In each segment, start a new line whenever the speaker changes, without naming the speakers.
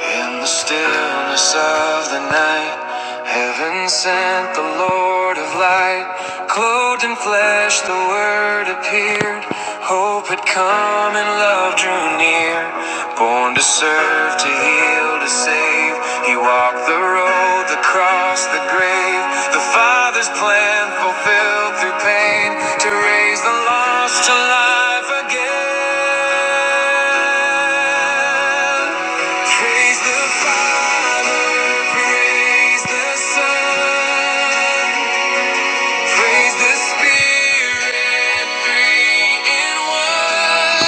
In the stillness of the night, heaven sent the Lord of light. Clothed in flesh, the Word appeared. Hope had come and love drew near. Born to serve, to heal, to save. He walked the road, the cross, the grave. The Father's plan fulfilled through pain to raise the lost to life again. Praise the Father, praise the Son, praise the Spirit, three in one.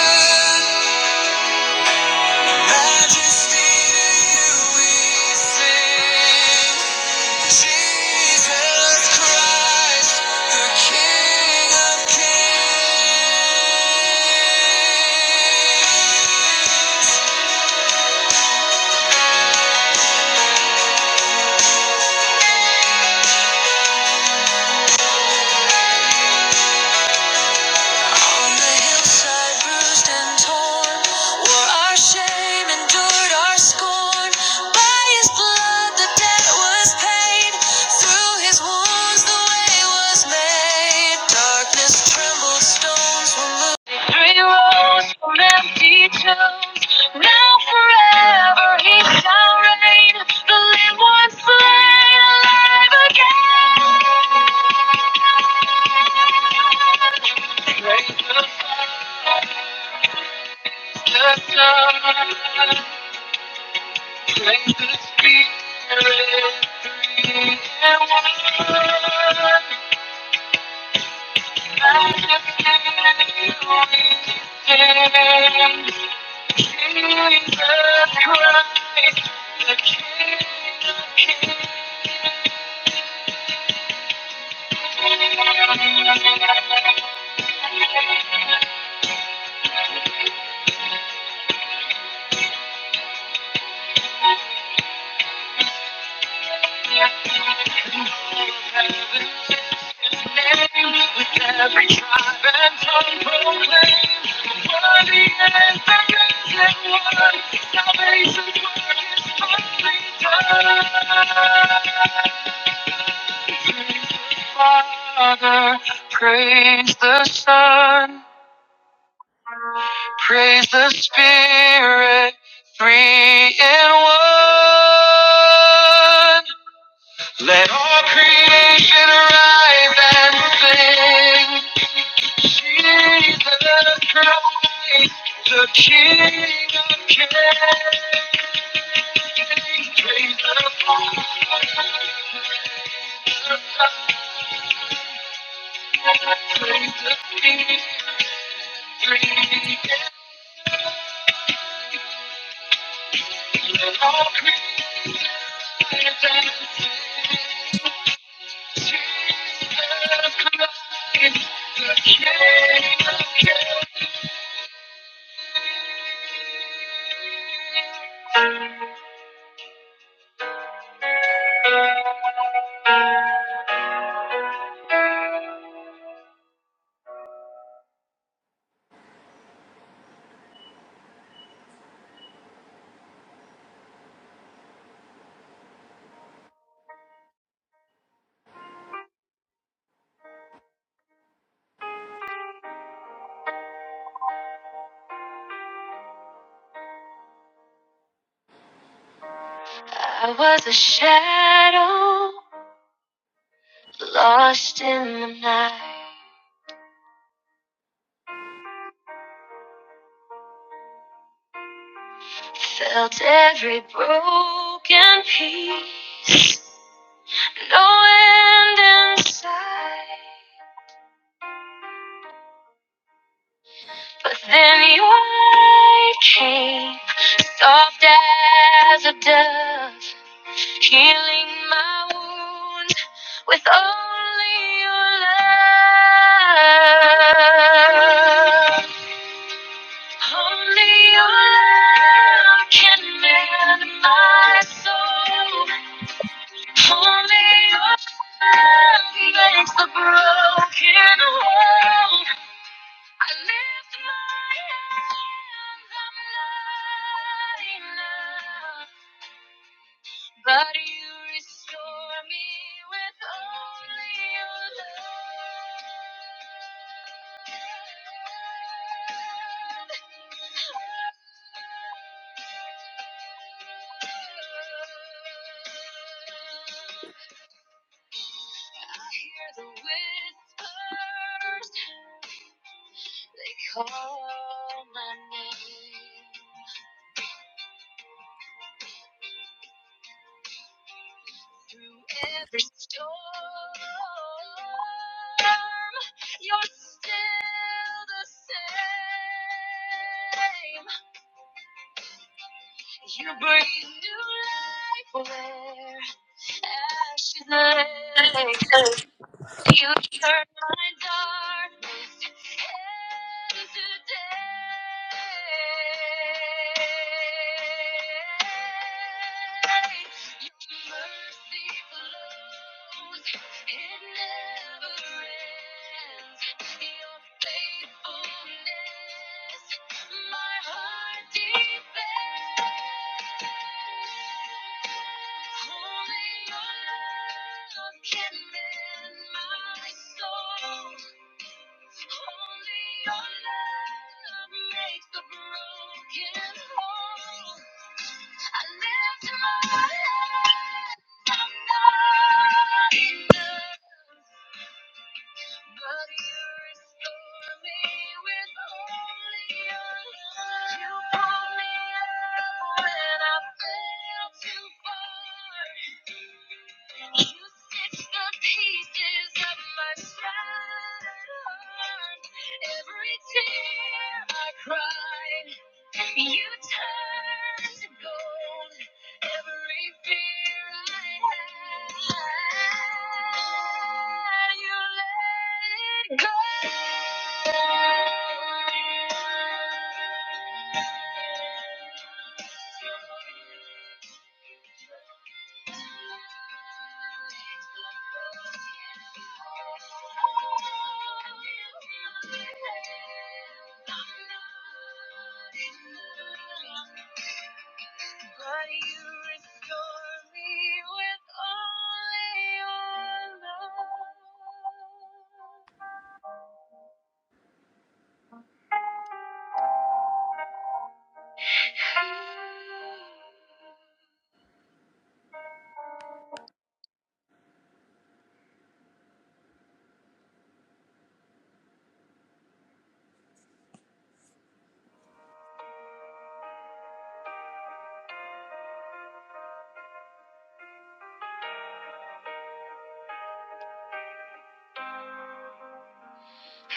Jesus Christ, the King Father, praise the Son, praise the Spirit, three in one. Let all creation arise and sing. Jesus Christ, the King of Kings. Praise the Father, Praise the Son, praise the King. Let all creation arise and sing. Jesus Christ, the King of Kings. Lost in the night, felt every broken piece. No end in sight. But then your light came, soft as a dove.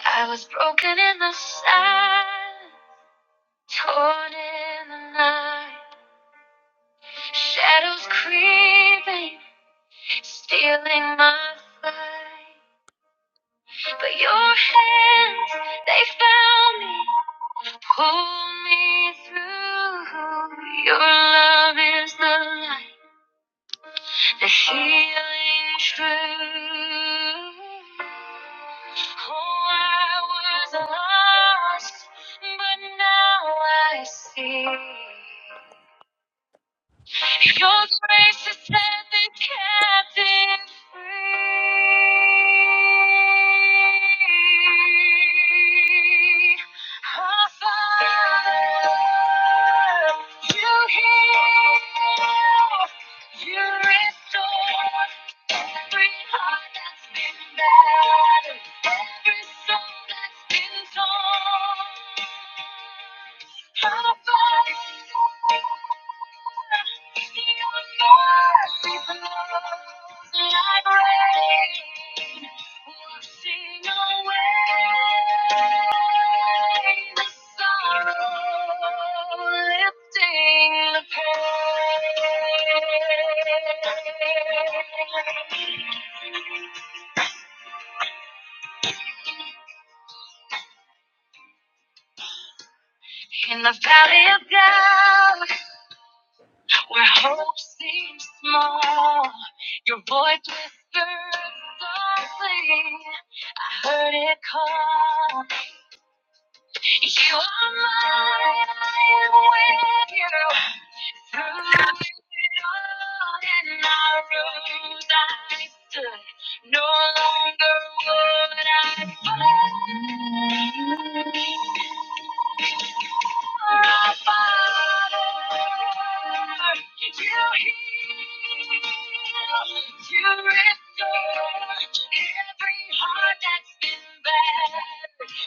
I was broken in the sand, torn in the night. Shadows creeping, stealing my flight. But your hands, they found me. Pulled me through. Your love is the light, the healing truth. Oh, I was lost, but now I see. Your grace has set the captive free. Our Father, you heal, you restore. No longer would I fight You heal, you restore every heart that's been battered,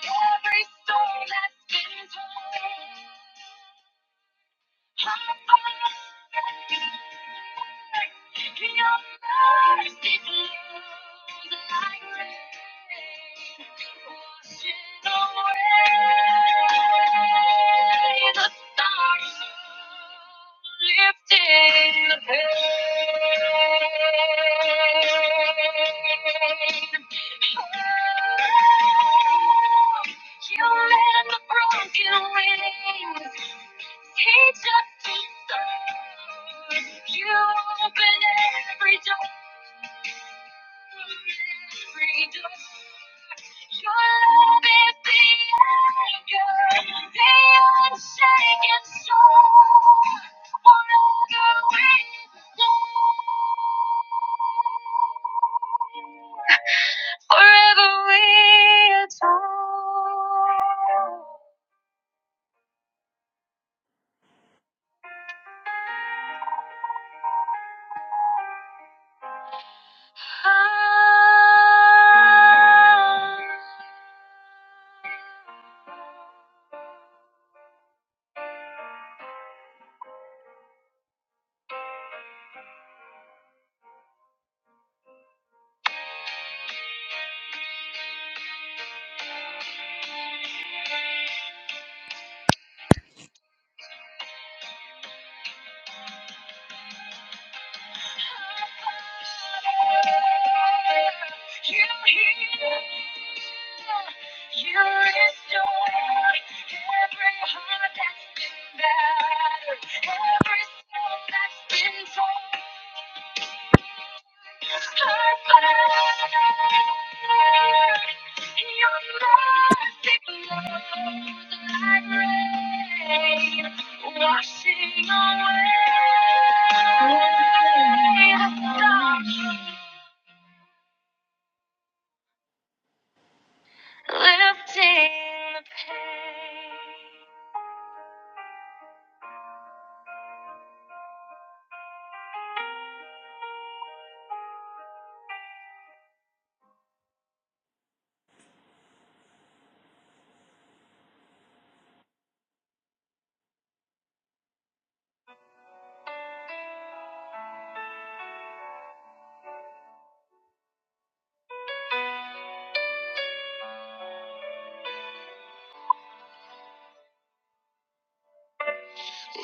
every soul that's been torn. Every soul that's been torn apart. Your mercy flows like rain, washing away the stars lifting the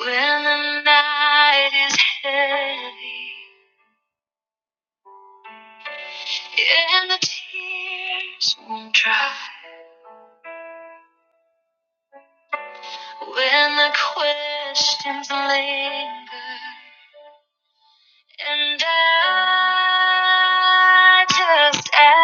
pain. When in the tears, when the questions linger, just as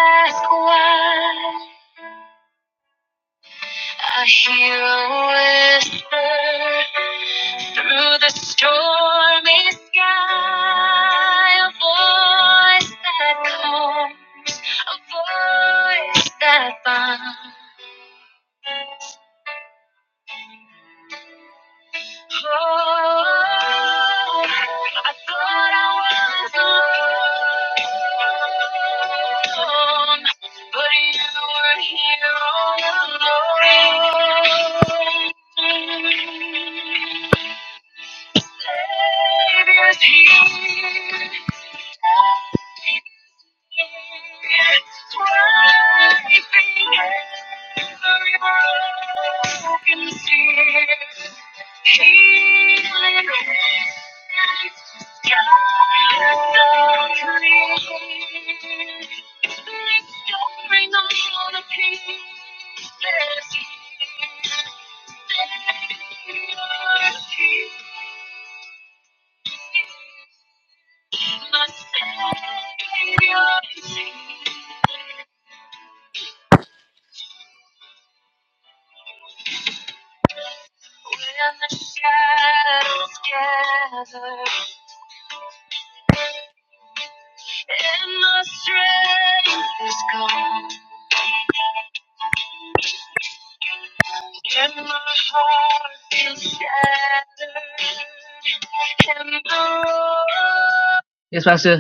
Yes, Pastor.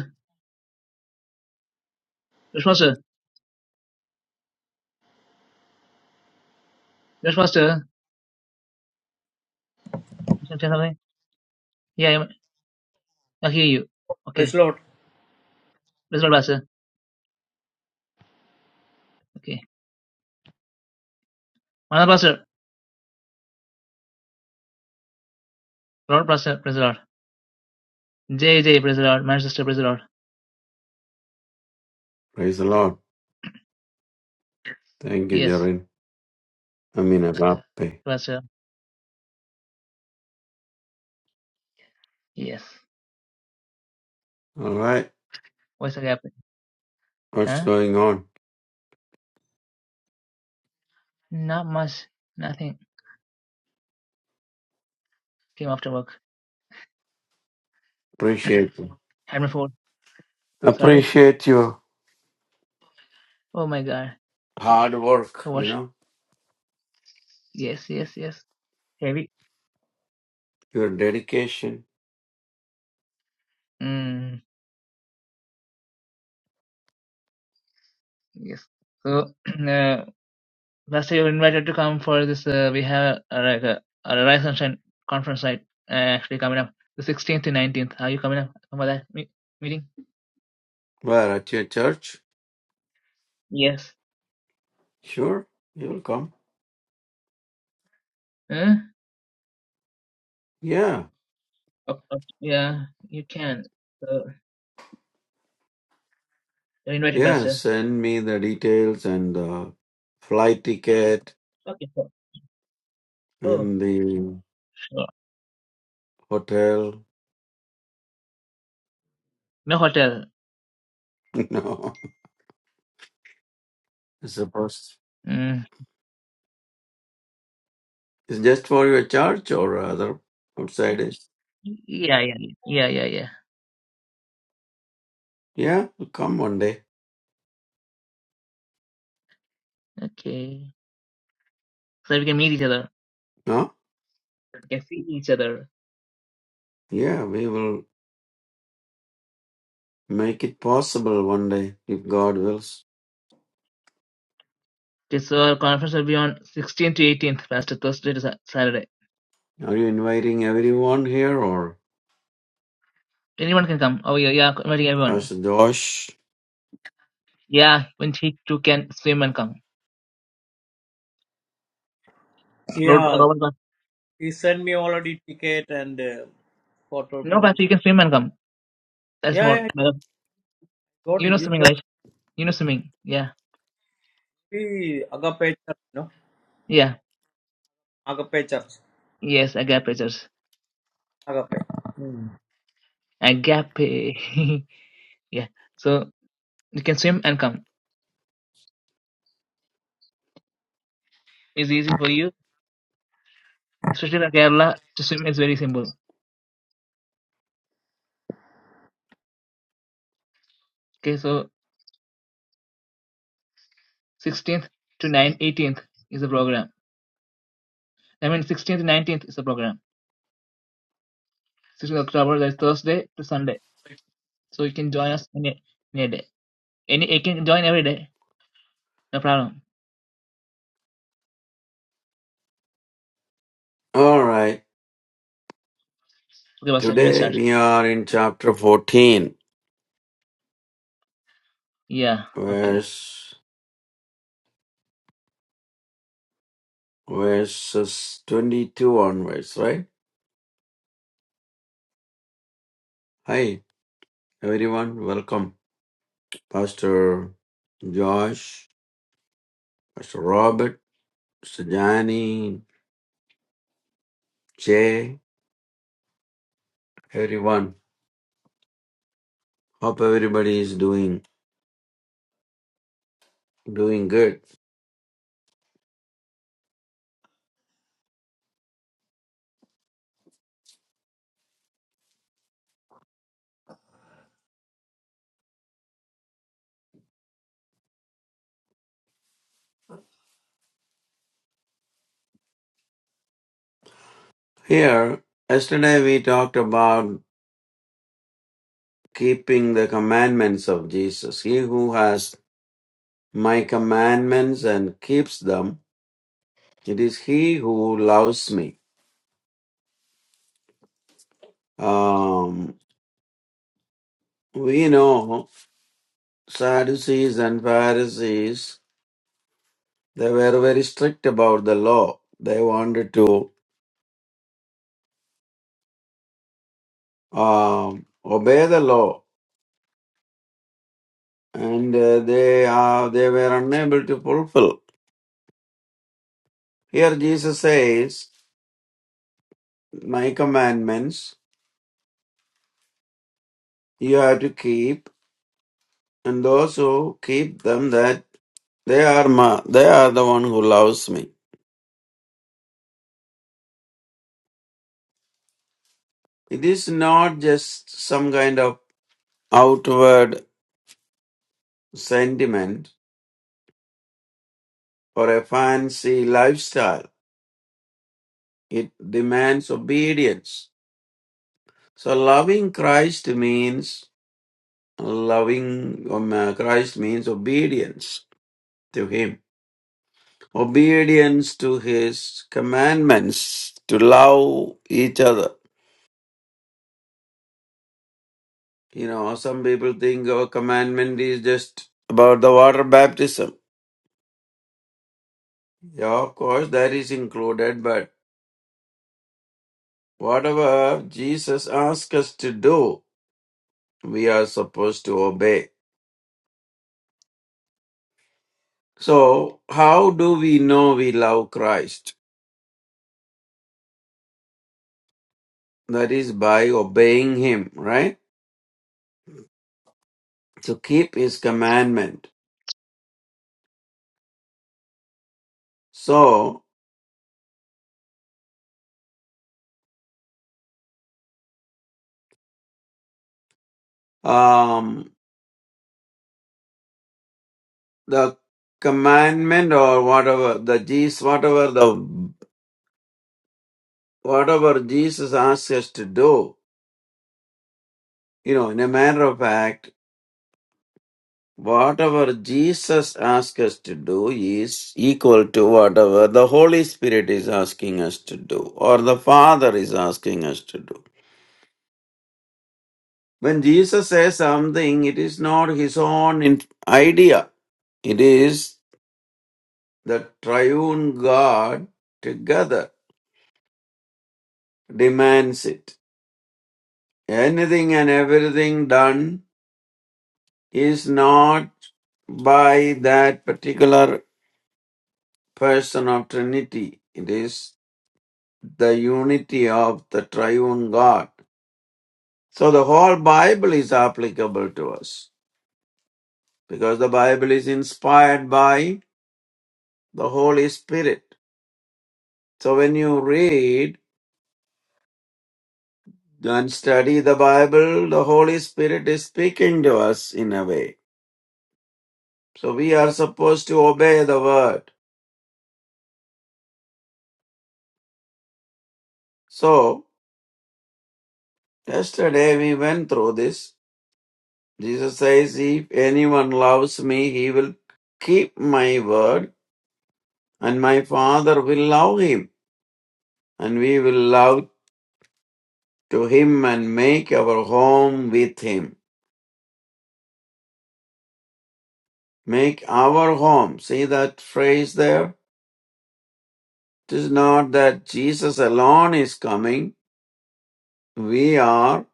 Yes, Pastor. Yes, Pastor. Yes, Yeah, I'm, I hear you. Okay.
Praise Lord.
Praise the Lord, Pastor. Okay. Another Pastor. Lord, Pastor. Praise the Lord. JJ, praise the Lord. Manchester, praise the Lord.
Praise the Lord. Thank you,
Yes,
Jarin. I mean, Agape.
Pastor. Yes.
All right.
What's happening?
What's going on?
Not much. Nothing. Came after work.
Appreciate you.
Had my phone. Sorry.
Appreciate your
Oh my god.
hard work,
So what?
you know,
Yes, yes, yes. Heavy.
your dedication.
Mm, yes. So, uh, last year you were invited to come for this. Uh, we have uh, like a, a Rise and Shine conference, right? Uh, actually coming up. The 16th to 19th. Are you coming up for that me- meeting?
Where? At your church?
Yes.
Sure. You'll come.
Huh?
Yeah.
Oh, oh, yeah, you can. So, you're invited,
Yeah.
Pastor.
Send me the details and the flight ticket
Okay. so- Oh,
and the
sure.
hotel.
No hotel.
no. It's supposed.
Mm.
It's just for your church or other outsiders.
Yeah, yeah, yeah, yeah, yeah. yeah.
Yeah. Come one day.
Okay. So we can meet each other.
No?
We can see each other.
Yeah, we will Make it possible one day if God wills.
Okay, so our conference will be on 16th to 18th, last Thursday to Sa- Saturday.
Are you inviting everyone here or
Anyone can come. Oh, yeah, yeah, inviting everyone.
Pastor Josh?
Yeah, when he too can swim and come. Robert,
Yeah,
Robert, can-
he sent me already ticket and uh, photo
no,
room.
Pastor, you can swim and come. That's
Yeah,
more.
yeah,
better.
got
You
it.
know
You
swimming,
got
right? You know swimming. Yeah,
the Agape Church, no?
yeah.
Agape Church.
Yes, agape, church.
Agape. Hmm.
Agape. yeah. So you can swim and come. It's easy for you, especially in Kerala. To swim is very simple. Okay, so Sixteenth to nine eighteenth is the program. I mean, sixteenth to nineteenth is the program. Sixteenth October, that's Thursday to Sunday. So you can join us any any day. Any you can join every day. No problem.
All right.
Okay, Pastor, you may
Today
start.
we are in chapter 14,
Yeah. Okay.
verse verses 22 onwards, right? Hi, everyone. Welcome. Pastor Josh, Pastor Robert, Pastor Jani, Jay, everyone. Hope everybody is doing doing good. Here, yesterday we talked about keeping the commandments of Jesus. He who has my commandments and keeps them, it is he who loves me. Um, we know Sadducees and Pharisees, they were very strict about the law. They wanted to um, obey the law and uh, they, are, they were unable to fulfill. Here Jesus says, My commandments you have to keep, and those who keep them, that They are ma, they are the one who loves me. It is not just some kind of outward sentiment or a fancy lifestyle. It demands obedience. So loving Christ means loving um, uh, Christ means obedience to him. Obedience to his commandments to love each other. You know, some people think our commandment is just about the water baptism. Yeah, of course, that is included, but whatever Jesus asks us to do, we are supposed to obey. So, how do we know we love Christ? That is by obeying Him, right? To keep His commandment. So, um, the commandment or whatever the Jesus, whatever the whatever Jesus asks us to do, you know, in a matter of fact. Whatever Jesus asks us to do is equal to whatever the Holy Spirit is asking us to do or the Father is asking us to do. When Jesus says something, it is not his own in- idea, it is the triune God together demands it. Anything and everything done is not by that particular person of Trinity. It is the unity of the triune God. So the whole Bible is applicable to us because the Bible is inspired by the Holy Spirit. So when you read and study the Bible, the Holy Spirit is speaking to us in a way. So we are supposed to obey the word. So yesterday we went through this. Jesus says, If anyone loves me, he will keep my word, and my Father will love him and we will love to him and make our home with him. Make our home. See that phrase there? It is not that Jesus alone is coming. We are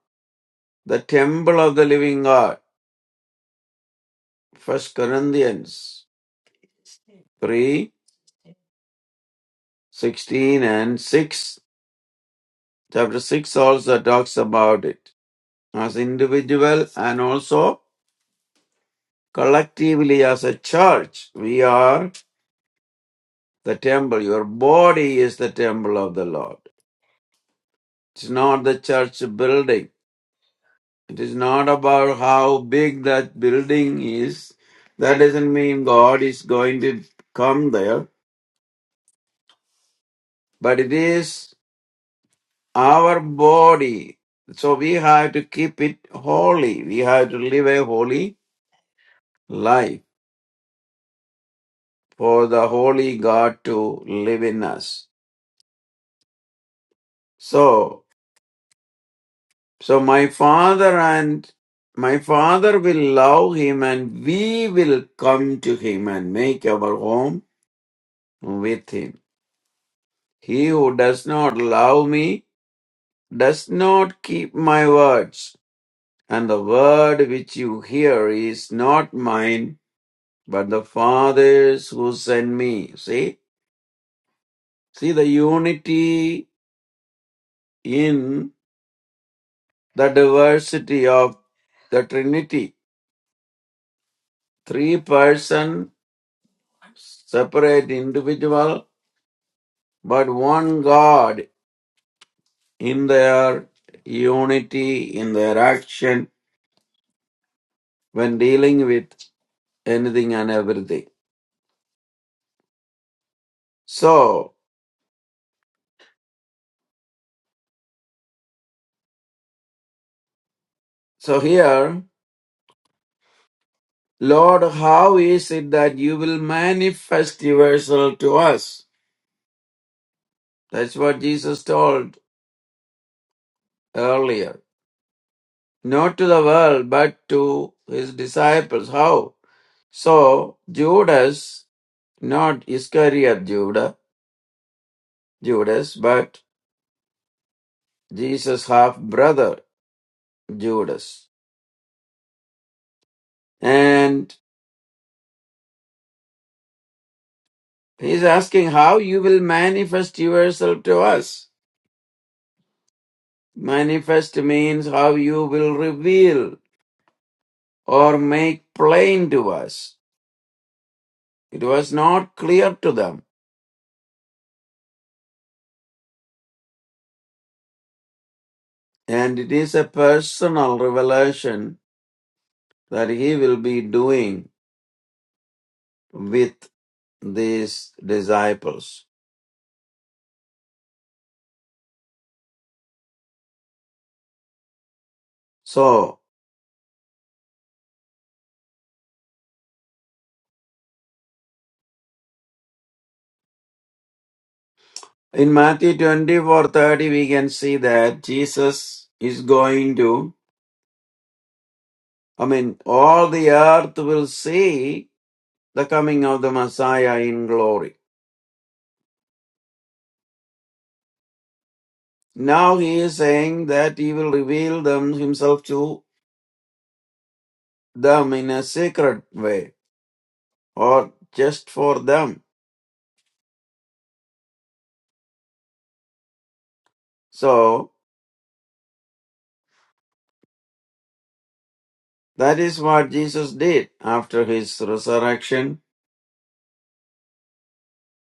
the temple of the living God. First Corinthians 3, 16, and 6. Chapter 6 also talks about it. As individual and also collectively as a church, we are the temple. Your body is the temple of the Lord. It is not the church building. It is not about how big that building is. That doesn't mean God is going to come there, but it is our body. So we have to keep it holy. We have to live a holy life for the holy God to live in us. So, so my father and my father will love him and we will come to him and make our home with him. He who does not love me does not keep my words. And the word which you hear is not mine, but the Father's who sent me. See? See the unity in the diversity of the Trinity. Three person, separate individual, but one God in their unity, in their action when dealing with anything and everything. So, So here, Lord, how is it that you will manifest yourself to us? That's what Jesus told earlier. Not to the world, but to his disciples. How? So Judas, not Iscariot Judah, Judas, but Jesus' half brother Judas. And he's asking how you will manifest yourself to us. Manifest means how you will reveal or make plain to us. It was not clear to them, and it is a personal revelation that he will be doing with these disciples. So, in Matthew twenty four thirty, we can see that Jesus is going to, I mean, all the earth will see the coming of the Messiah in glory. Now he is saying that he will reveal them himself to them in a secret way or just for them. So that is what Jesus did after his resurrection.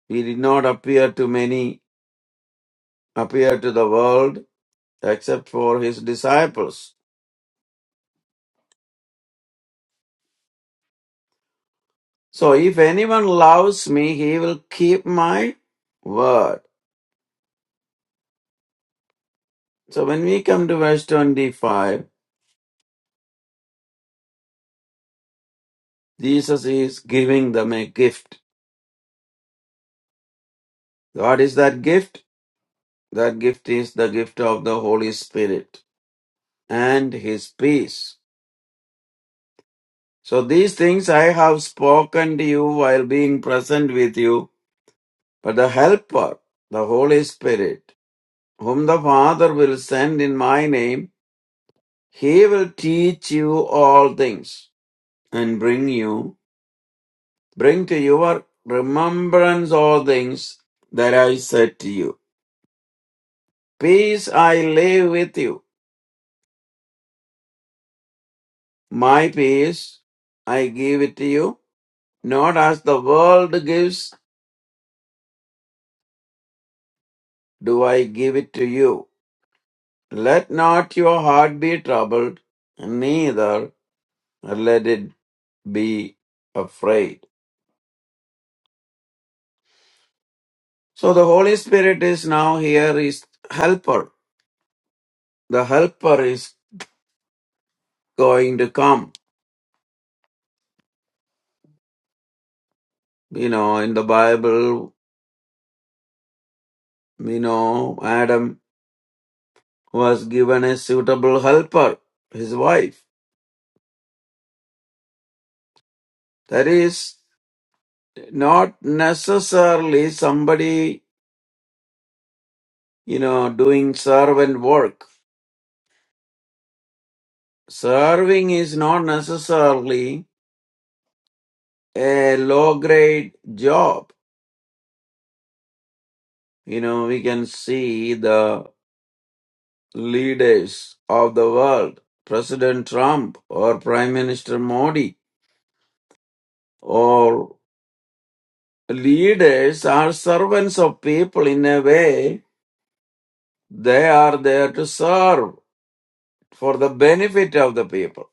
He did not appear to many, appear to the world except for his disciples. So if anyone loves me, he will keep my word. So when we come to verse 25, Jesus is giving them a gift. What is that gift? That gift is the gift of the Holy Spirit and his peace. So these things I have spoken to you while being present with you, but the Helper, the Holy Spirit, whom the Father will send in my name, he will teach you all things and bring you, bring to your remembrance all things that I said to you. Peace I leave with you. My peace I give it to you. Not as the world gives, do I give it to you. Let not your heart be troubled, neither let it be afraid. So the Holy Spirit is now here is helper. The helper is going to come. You know, in the Bible, you know, Adam was given a suitable helper, his wife. That is not necessarily somebody, you know, doing servant work. Serving is not necessarily a low grade job. You know, we can see the leaders of the world, President Trump or Prime Minister Modi, or leaders are servants of people in a way they are there to serve for the benefit of the people,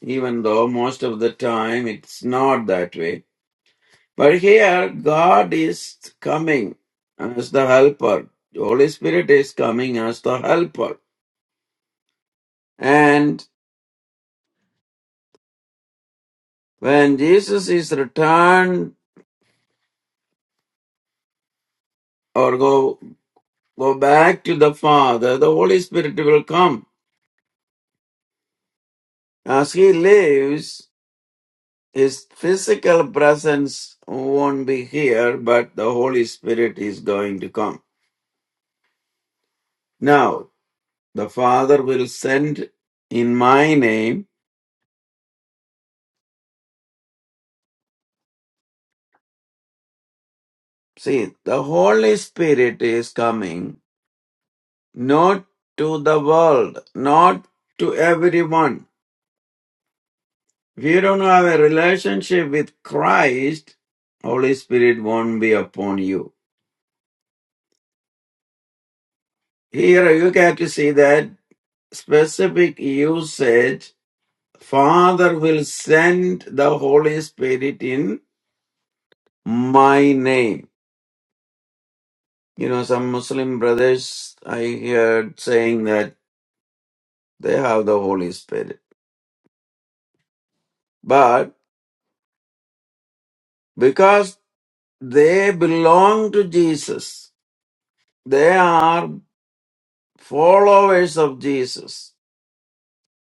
even though most of the time it's not that way. But here, God is coming as the helper. Holy Spirit is coming as the helper And when Jesus is returned or go go back to the Father, the Holy Spirit will come. As he lives, his physical presence won't be here, but the Holy Spirit is going to come. Now, the Father will send in my name. See, the Holy Spirit is coming not to the world, not to everyone If you don't have a relationship with Christ, Holy Spirit won't be upon you. Here you get to see that specific usage. Father will send the Holy Spirit in my name. You know, some Muslim brothers I heard saying that they have the Holy Spirit. But because they belong to Jesus, they are followers of Jesus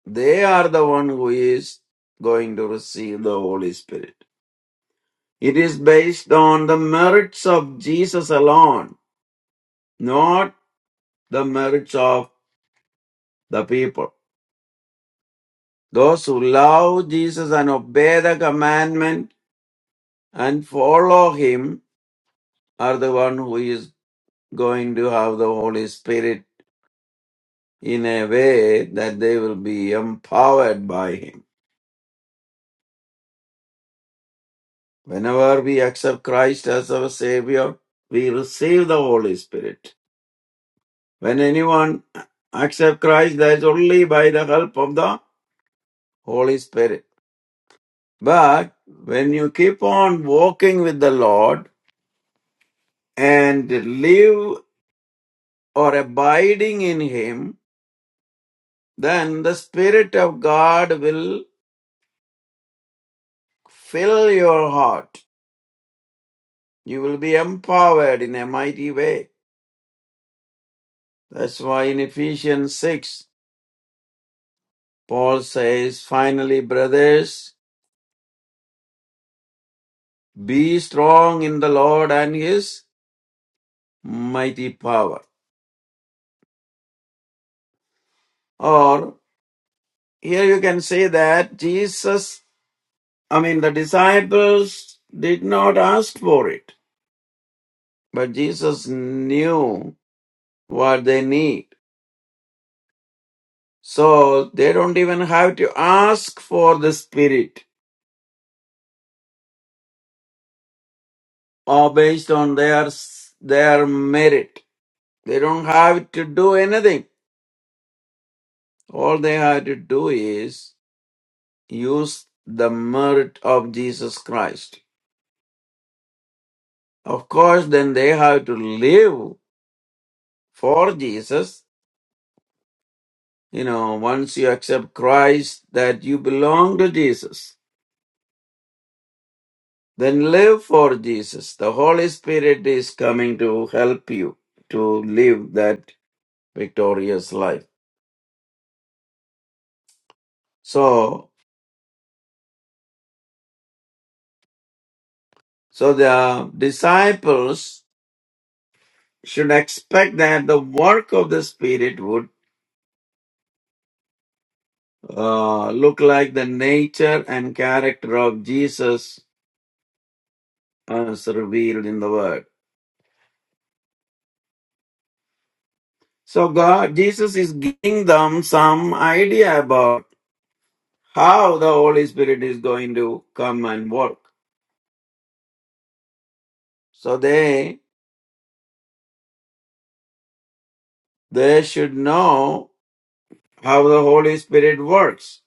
They are the one who is going to receive the Holy Spirit. It is based on the merits of Jesus alone, not the merits of the people. Those who love Jesus and obey the commandment and follow him are the one who is going to have the Holy Spirit in a way that they will be empowered by him. Whenever we accept Christ as our Savior, we receive the Holy Spirit. When anyone accepts Christ, that is only by the help of the Holy Spirit. But when you keep on walking with the Lord and live or abiding in Him, then the Spirit of God will fill your heart. You will be empowered in a mighty way. That's why in Ephesians 6, Paul says, finally, brothers, be strong in the Lord and His mighty power. Or here you can say that Jesus, I mean, the disciples did not ask for it, but Jesus knew what they need. So they don't even have to ask for the Spirit or based on their, their merit. They don't have to do anything. All they have to do is use the merit of Jesus Christ. Of course, then they have to live for Jesus You know, once you accept Christ, that you belong to Jesus, then live for Jesus. The Holy Spirit is coming to help you to live that victorious life. So, so the disciples should expect that the work of the Spirit would uh, look like the nature and character of Jesus as revealed in the Word. So God, Jesus is giving them some idea about how the Holy Spirit is going to come and work. So they they should know how the Holy Spirit works.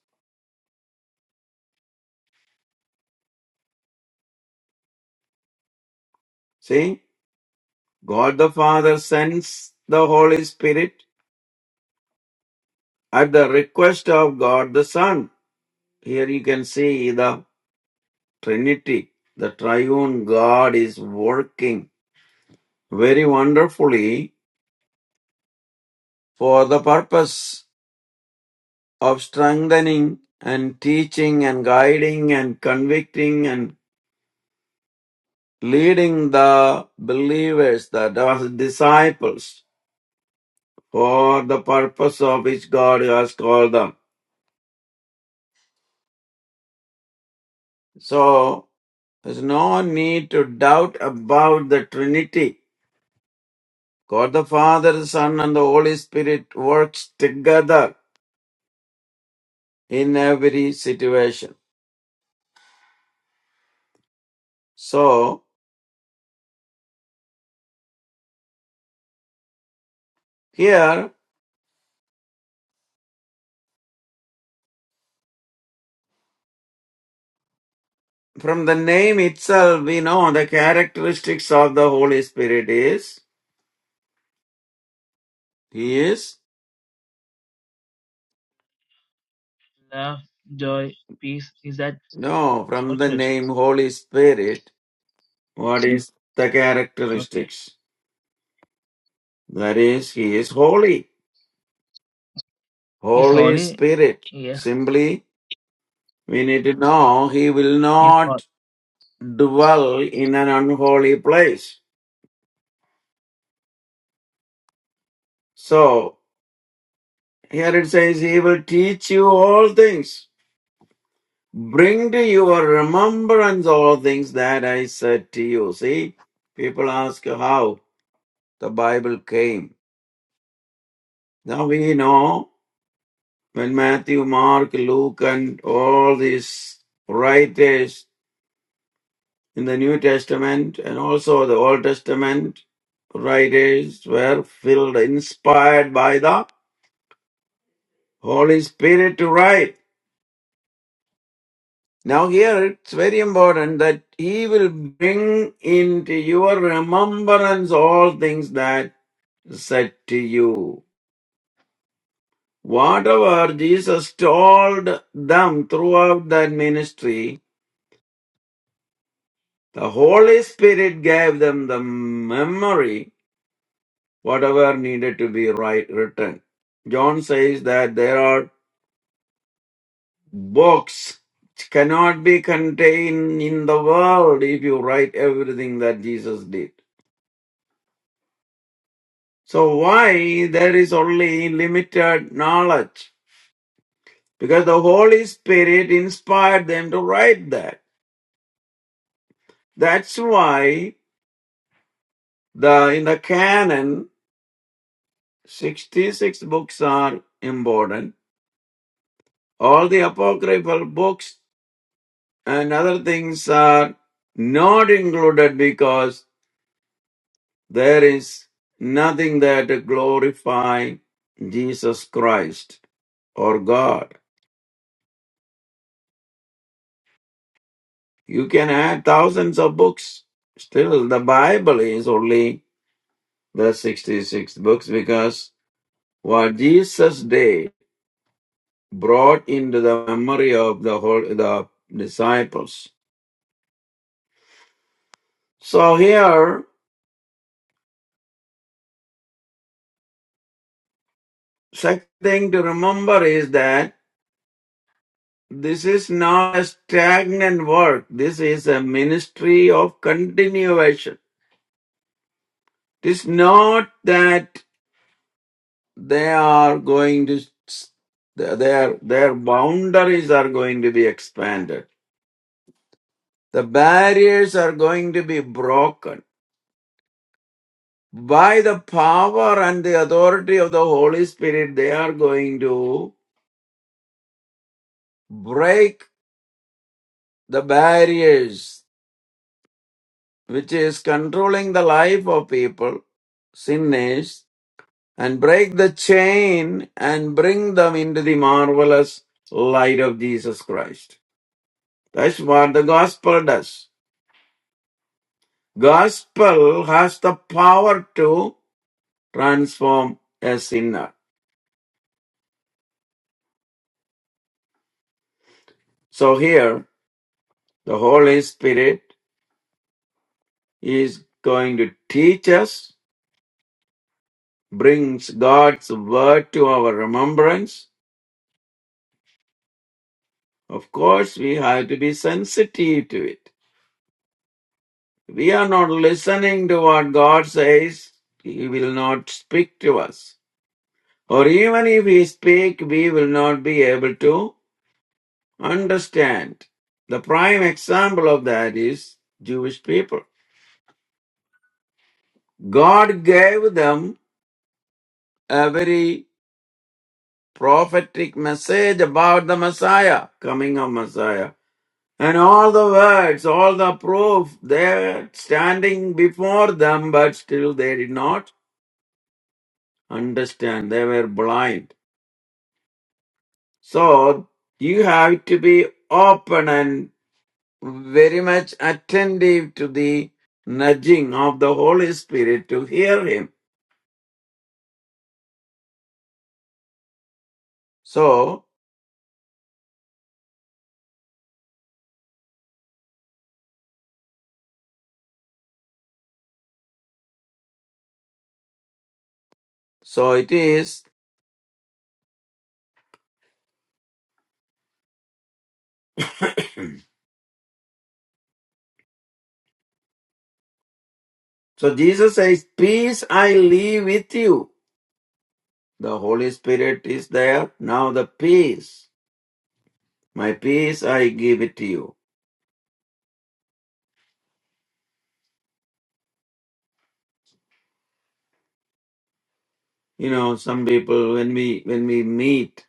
See, God the Father sends the Holy Spirit at the request of God the Son. Here you can see the Trinity, the triune God is working very wonderfully for the purpose of strengthening and teaching and guiding and convicting and. leading the believers, the disciples, for the purpose of which God has called them. So there's no need to doubt about the Trinity. God the Father, the Son, and the Holy Spirit works together in every situation. So here, from the name itself, we know the characteristics of the Holy Spirit is He is
Love, joy, peace is that
no from
Holy
the
Spirit.
name Holy Spirit. What is the
Okay.
characteristics? That is, he is holy.
He's
Holy
holy.
Spirit.
Yes.
Simply, we need to know he will
He's holy.
not dwell in an unholy place. So, here it says, he will teach you all things. Bring to your remembrance all things that I said to you. See, people ask how the Bible came. Now we know when Matthew, Mark, Luke, and all these writers in the New Testament and also the Old Testament writers were filled, inspired by the Holy Spirit to write. Now, here it's very important that He will bring into your remembrance all things that said to you. Whatever Jesus told them throughout that ministry, the Holy Spirit gave them the memory whatever needed to be right written. John says that there are books which cannot be contained in the world if you write everything that Jesus did. So why there is only limited knowledge? Because the Holy Spirit inspired them to write that. That's why the in the canon 66 books are important. All the apocryphal books and other things are not included because there is nothing that glorify Jesus Christ or God. You can add thousands of books. Still, the Bible is only the 66 books because what Jesus did brought into the memory of the whole, the disciples. So here, second thing to remember is that This is not a stagnant work. This is a ministry of continuation. It is not that they are going to, their, their boundaries are going to be expanded. The barriers are going to be broken. By the power and the authority of the Holy Spirit, they are going to break the barriers which is controlling the life of people, sinners, and break the chain and bring them into the marvelous light of Jesus Christ. That's what the gospel does. Gospel has the power to transform a sinner. So here, the Holy Spirit is going to teach us, brings God's word to our remembrance. Of course, we have to be sensitive to it. we are not listening to what God says, He will not speak to us. Or even if He speak, we will not be able to understand. The prime example of that is Jewish people. God gave them a very prophetic message about the Messiah, coming of Messiah. And all the words, all the proof, they're standing before them, but still they did not understand. They were blind. So you have to be open and very much attentive to the nudging of the Holy Spirit to hear Him. So, so it is. so Jesus says, Peace I leave with you. The Holy Spirit is there. Now the peace. My peace I give it to you. You know, some people when we when we meet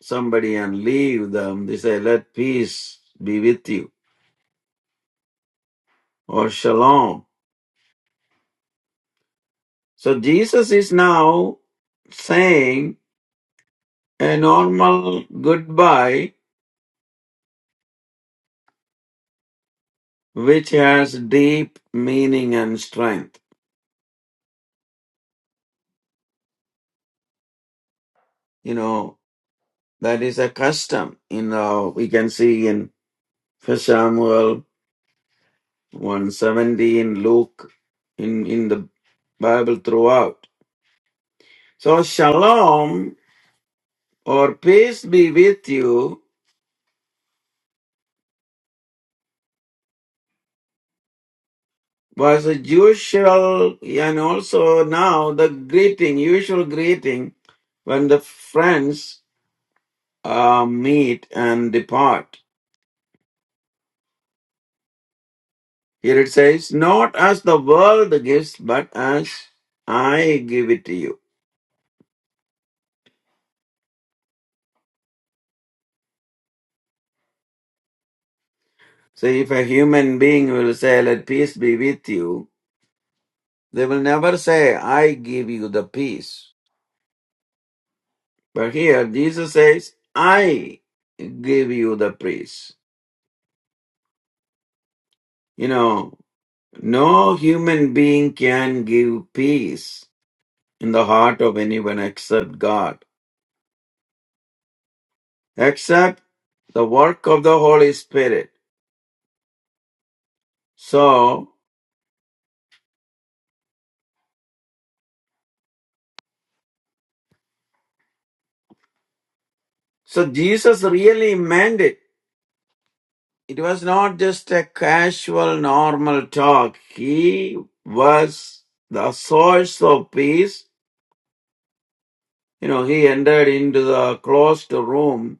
somebody and leave them, they say, Let peace be with you or shalom So Jesus is now saying a normal goodbye which has deep meaning and strength. You know, that is a custom. You know, we can see in First Samuel 170 in Luke in, in the Bible throughout. So shalom or peace be with you was a usual and also now the greeting, usual greeting when the friends uh, meet and depart. Here it says, Not as the world gives, but as I give it to you. So if a human being will say, Let peace be with you, they will never say, I give you the peace. But here Jesus says, I give you the peace. You know, No human being can give peace in the heart of anyone except God, except the work of the Holy Spirit. So, so Jesus really meant it. It was not just a casual, normal talk. He was the source of peace. You know, he entered into the closed room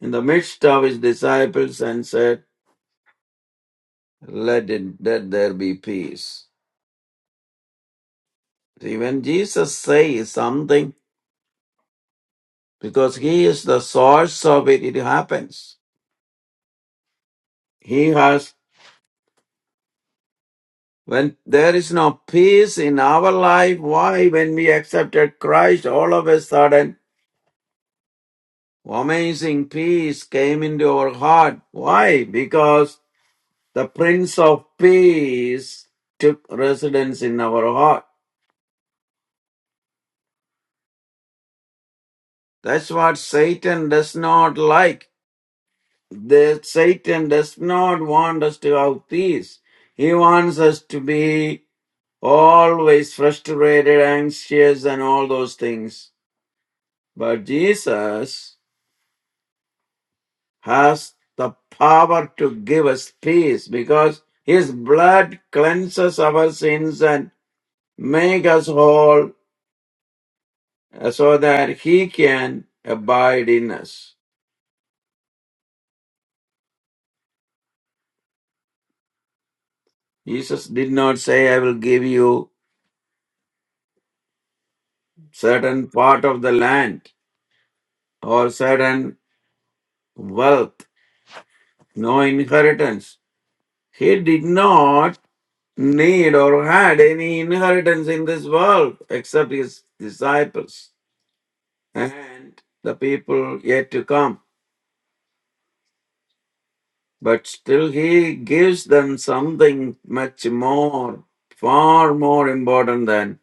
in the midst of his disciples and said, let it, let there be peace. See, when Jesus says something, because he is the source of it, it happens. He has, when there is no peace in our life, why? When we accepted Christ, all of a sudden, amazing peace came into our heart. Why? Because the Prince of Peace took residence in our heart. That's what Satan does not like. The Satan does not want us to have peace. He wants us to be always frustrated, anxious, and all those things. But Jesus has the power to give us peace because his blood cleanses our sins and make us whole uh, so that he can abide in us. Jesus did not say, I will give you certain part of the land or certain wealth, no inheritance. He did not need or had any inheritance in this world except his disciples and the people yet to come. But still, he gives them something much more, far more important than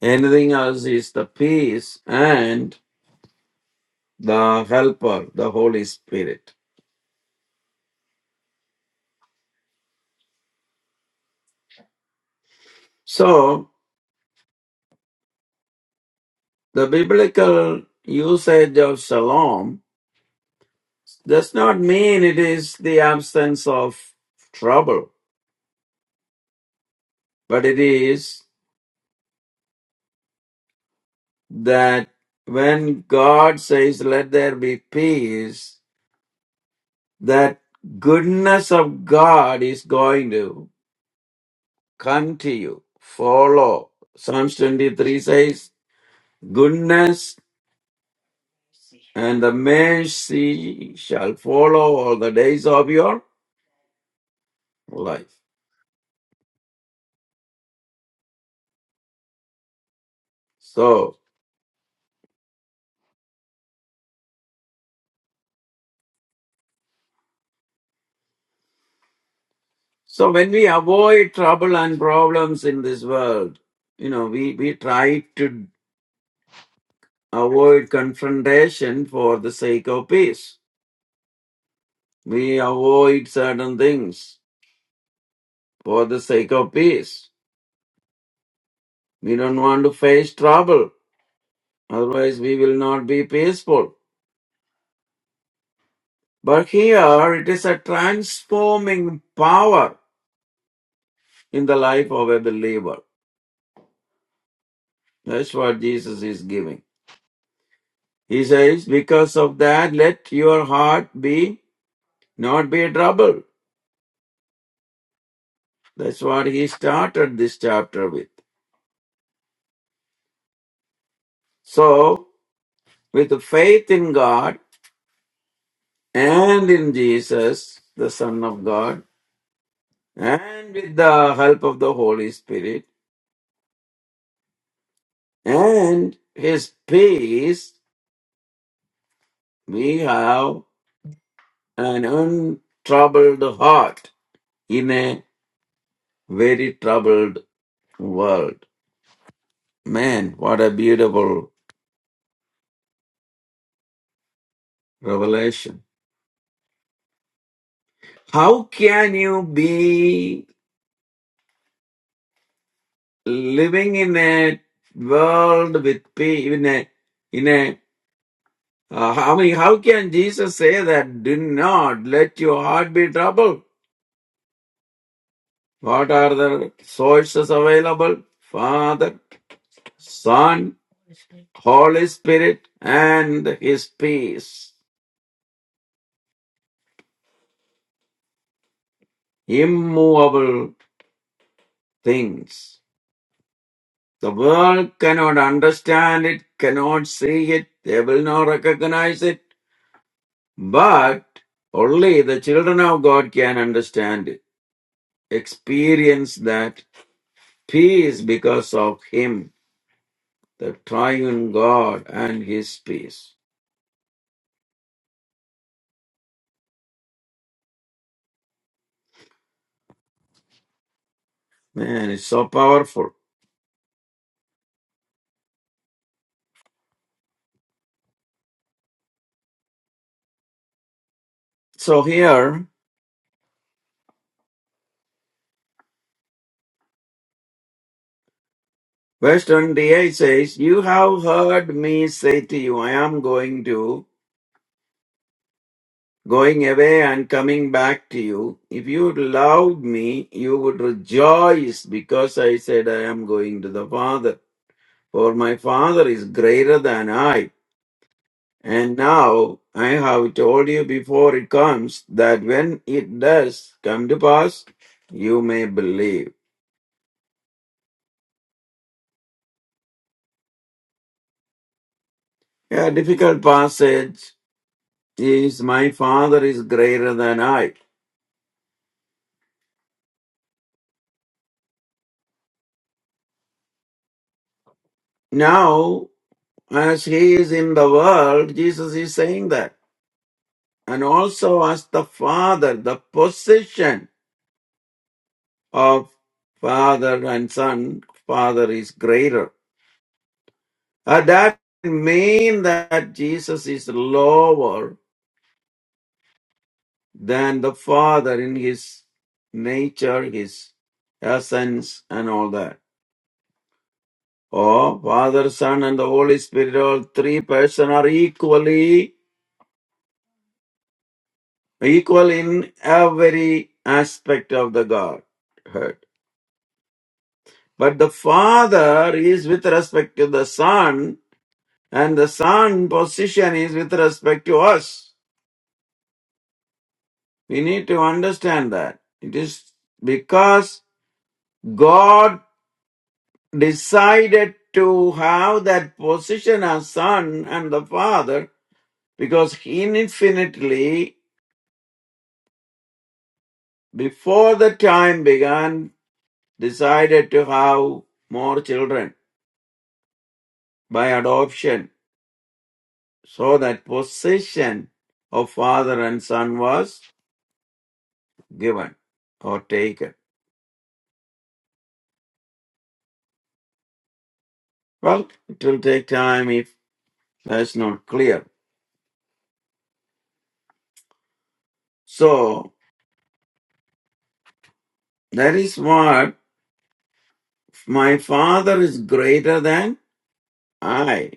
anything else is the peace and the helper, the Holy Spirit. So, the biblical usage of shalom does not mean it is the absence of trouble, but it is that when God says, Let there be peace, that goodness of God is going to come to you, follow. Psalms 23 says, Goodness and the mercy shall follow all the days of your life. So, So when we avoid trouble and problems in this world, you know, we, we try to avoid confrontation for the sake of peace. We avoid certain things for the sake of peace. We don't want to face trouble. Otherwise we will not be peaceful. But here it is a transforming power in the life of a believer. That's what Jesus is giving. He says, because of that, let your heart be not be troubled. That's what he started this chapter with. So, with faith in God and in Jesus, the Son of God, and with the help of the Holy Spirit and His peace, we have an untroubled heart in a very troubled world. Man, what a beautiful revelation. How can you be living in a world with peace, in a in a uh, how many how can jesus say that do not let your heart be troubled what are the sources available father son holy spirit and his peace immovable things the world cannot understand it cannot see it they will not recognize it But only the children of God can understand, experience that peace because of Him, the triune God and His peace. Man, it's so powerful. So here, verse 28 says, You have heard me say to you, I am going to, going away and coming back to you. If you loved me, you would rejoice because I said, I am going to the Father. For my Father is greater than I And now I have told you before it comes that when it does come to pass, you may believe. A difficult passage is My Father is greater than I. Now, as He is in the world, Jesus is saying that. And also, as the Father, the position of Father and Son, Father is greater. Uh, that mean that Jesus is lower than the Father in his nature, his essence, and all that. Oh, Father, Son, and the Holy Spirit, all three persons are equally equal in every aspect of the Godhead. But the Father is with respect to the Son, and the Son position is with respect to us. We need to understand that. It is because God decided to have that position as son and the father because he infinitely before the time began decided to have more children by adoption so that position of father and son was given or taken well it will take time if that's not clear so that is what my father is greater than i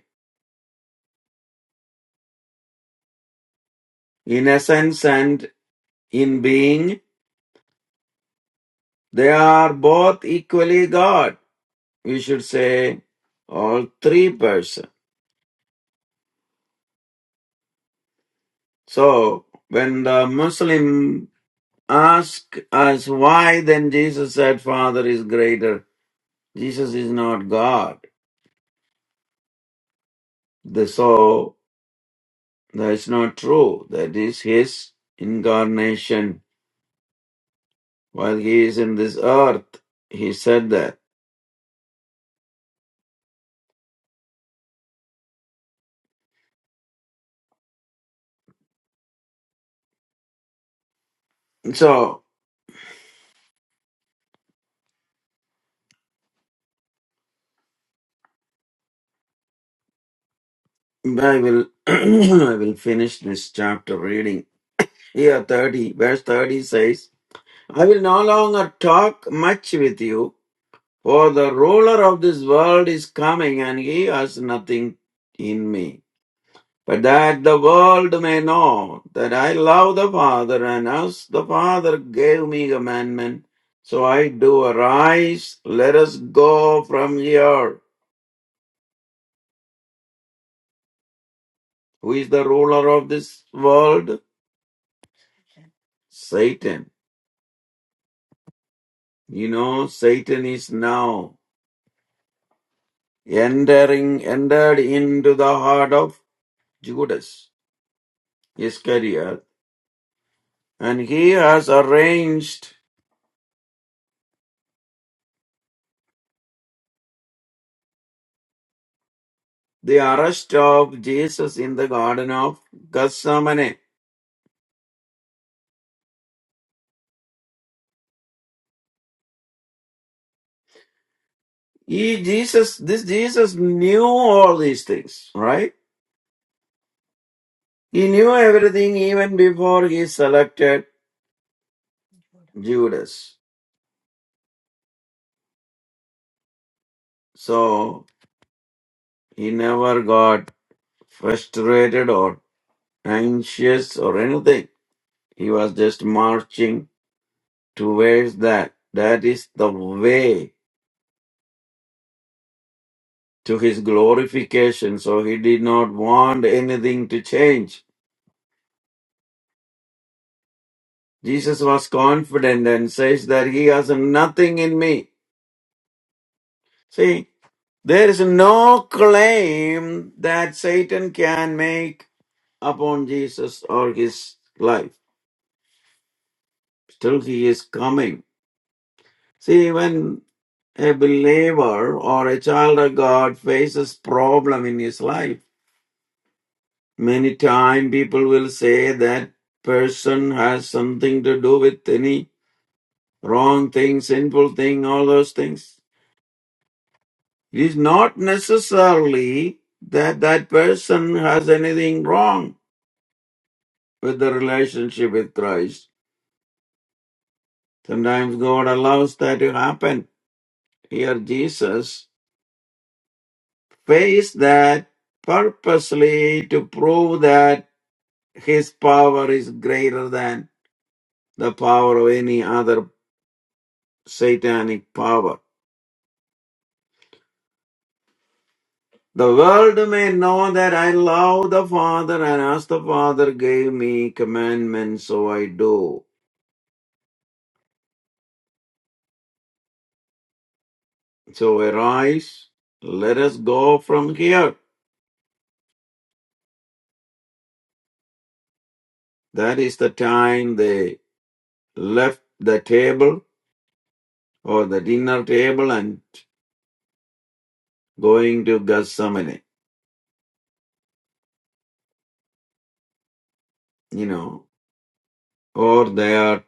In essence and in being, they are both equally God. We should say all three persons. So when the Muslim ask us why then Jesus said Father is greater, Jesus is not God. The- So that's not true. That is his incarnation. While he is in this earth, he said that. So I will I will finish this chapter reading Here, 30, verse 30 says, I will no longer talk much with you, for the ruler of this world is coming, and he has nothing in me. But that the world may know that I love the Father, and as the Father gave me commandment, so I do arise, let us go from here. Who is the ruler of this world? Satan. You know, Satan is now. entering entered into the heart of Judas Iscariot, and he has arranged the arrest of Jesus in the Garden of Gethsemane. He Jesus, this Jesus knew all these things, right? He knew everything even before he selected Judas. So he never got frustrated or anxious or anything. He was just marching to where is that. That is the way to his glorification. So he did not want anything to change. Jesus was confident and says that he has nothing in me. See, there is no claim that Satan can make upon Jesus or his life. Still, he is coming. See, when a believer or a child of God faces problem in his life, Many times people will say that person has something to do with any wrong thing, sinful thing, all those things. It is not necessarily that that person has anything wrong with the relationship with Christ. Sometimes God allows that to happen. Here Jesus faced that purposely to prove that his power is greater than the power of any other satanic power The world may know that I love the Father, and as the Father gave me commandments, so I do. So arise, let us go from here. That is the time they left the table or the dinner table and going to Gethsemane, you know, or they are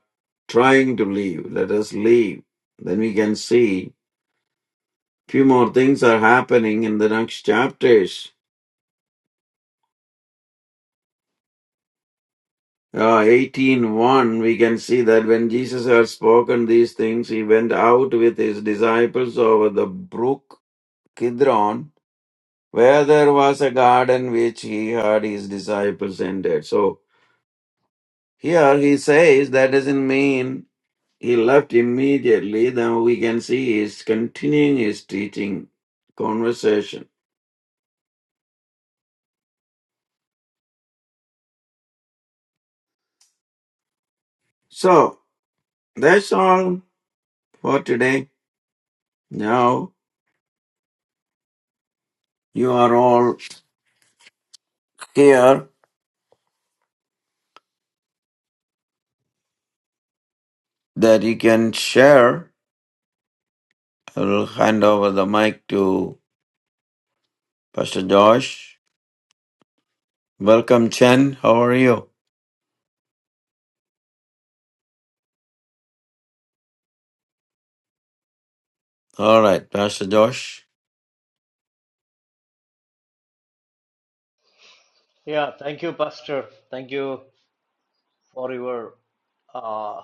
trying to leave. Let us leave. Then we can see few more things are happening in the next chapters Ah, Eighteen one, we can see that when Jesus had spoken these things, he went out with his disciples over the brook Kidron, where there was a garden which he had his disciples entered. So here he says that doesn't mean he left immediately. Then we can see he's continuing his teaching conversation. So that's all for today. Now you are all here that you can share I will hand over the mic to Pastor Josh. Welcome, Chen. How are you? All right, Pastor Josh.
Yeah, thank you, Pastor. Thank you for your uh,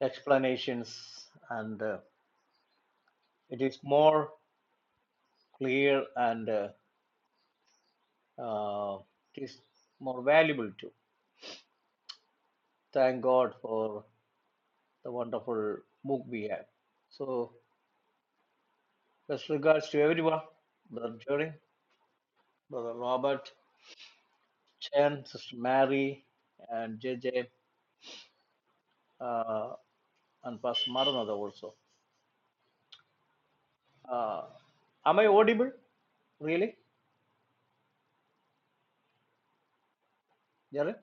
explanations, and uh, it is more clear and uh, uh, it is more valuable too. Thank God for the wonderful book we have. So, best regards to everyone, Brother Jerry. Brother Robert, Chen, Sister Mary, and JJ, uh, and Pastor Maranatha also. Uh, am I audible? Really? Jared?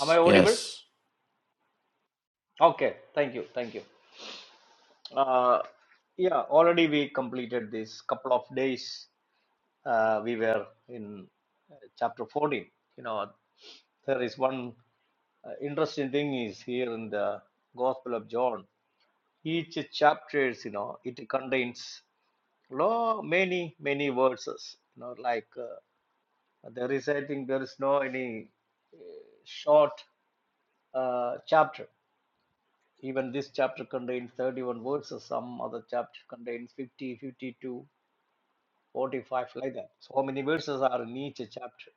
Am I audible?
yes.
Okay, thank you, thank you. Uh, yeah, already we completed this couple of days. Uh, we were in uh, chapter 14. You know, there is one uh, interesting thing is here in the Gospel of John. Each chapters, you know, it contains Law, many, many verses. You know, like uh, there is, I think there is no any short uh, chapter. Even this chapter contains 31 verses. Some other chapter contains 50, 52, 45, like that. So many verses are in each chapter.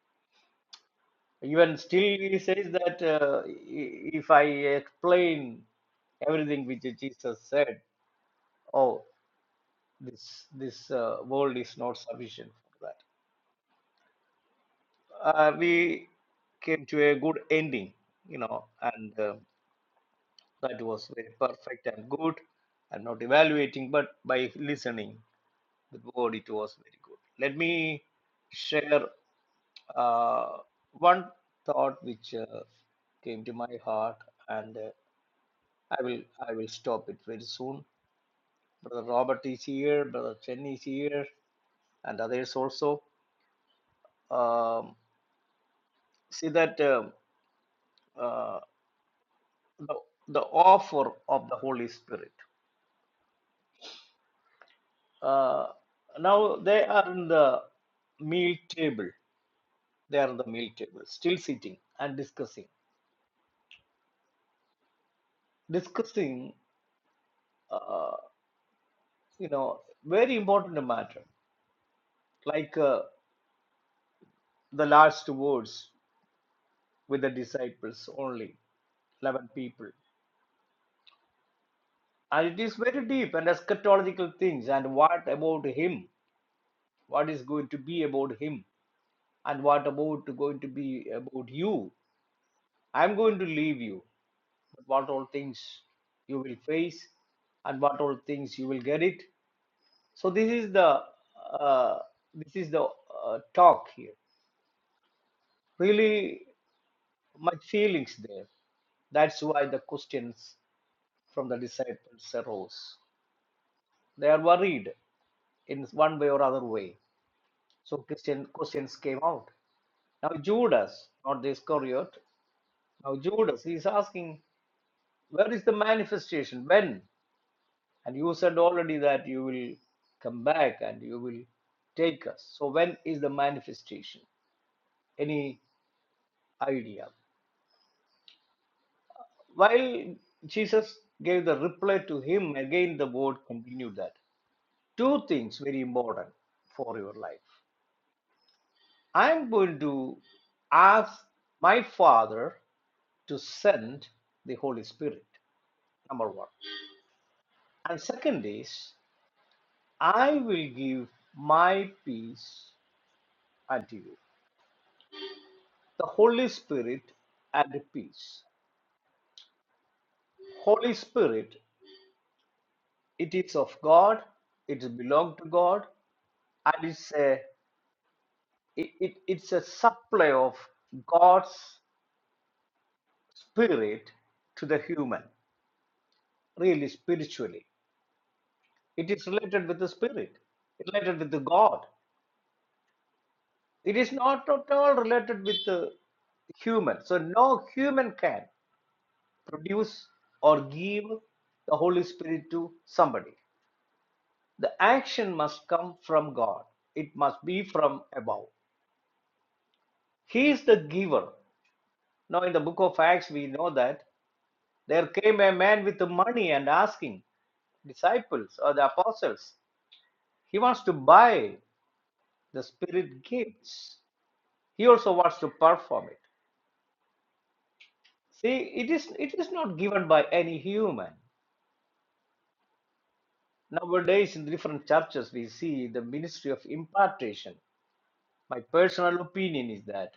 Even still, he says that uh, i- if I explain everything which Jesus said, oh, this this uh, world is not sufficient for that uh, we came to a good ending, you know, and uh, that was very perfect and good. I'm not evaluating, but by listening the word, it was very good. Let me share uh, one thought which uh, came to my heart, and uh, I will I will stop it very soon. Brother Robert is here, Brother Chen is here, and others also. Um, see that. um uh, the, the offer of the Holy Spirit. Uh, now they are in the meal table. They are in the meal table, still sitting and discussing, discussing, uh, you know, very important matter, like uh, the last words with the disciples only, 11 people. And it is very deep and eschatological things. And what about him? What is going to be about him? And what about going to be about you? I'm going to leave you. But what all things you will face and what all things you will get it. So this is the uh, this is the uh, talk here. Really much feelings there. That's why the questions from the disciples arose. They are worried in one way or other way. So Christian questions came out. Now Judas, not the Iscariot, now Judas, he's asking, where is the manifestation? When? And you said already that you will come back and you will take us. So, when is the manifestation? Any idea? While Jesus gave the reply to him, again the word continued that. Two things very important for your life. I'm going to ask my Father to send the Holy Spirit, number one. And second is, I will give my peace unto you. The Holy Spirit and peace. Holy Spirit, it is of God, it belongs to God, and it's a it, it, it's a supply of God's spirit to the human, really spiritually. It is related with the spirit, related with the God. It is not at all related with the human. So no human can produce or give the Holy Spirit to somebody. The action must come from God, it must be from above. He is the giver. Now, in the book of Acts, we know that there came a man with money and asking disciples or the apostles, he wants to buy the spirit gifts. He also wants to perform it. See, it is it is not given by any human. Nowadays, in different churches, we see the ministry of impartation. My personal opinion is that.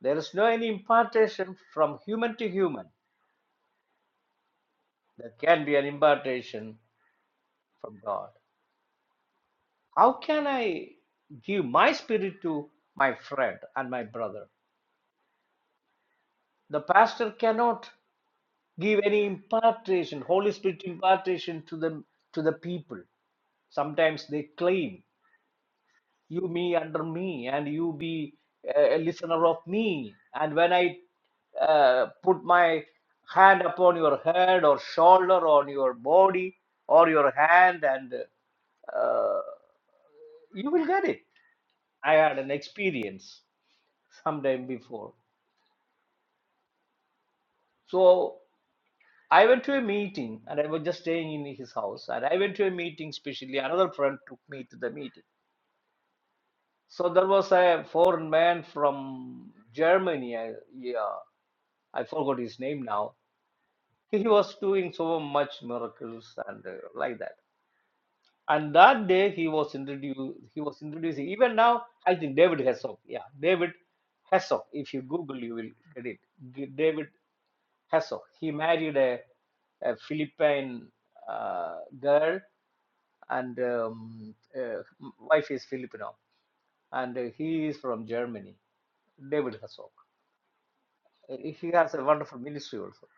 There is no any impartation from human to human. There can be an impartation from God. How can I give my spirit to my friend and my brother? The pastor cannot give any impartation, Holy Spirit impartation to them to the people. Sometimes they claim you me under me and you be a listener of me and when i uh, put my hand upon your head or shoulder on your body or your hand and uh, you will get it i had an experience sometime before so i went to a meeting and i was just staying in his house and i went to a meeting specially another friend took me to the meeting so there was a foreign man from germany uh, yeah I forgot his name now. He was doing so much miracles and uh, like that. And that day he was introduced. He was introducing. Even now, I think David Hesop. Yeah, David Hesop. If you Google, you will get it. David Hesop. He married a, a Philippine uh, girl, and um, uh, wife is Filipino, and uh, he is from Germany. David Hesop. Uh, He has a wonderful ministry also.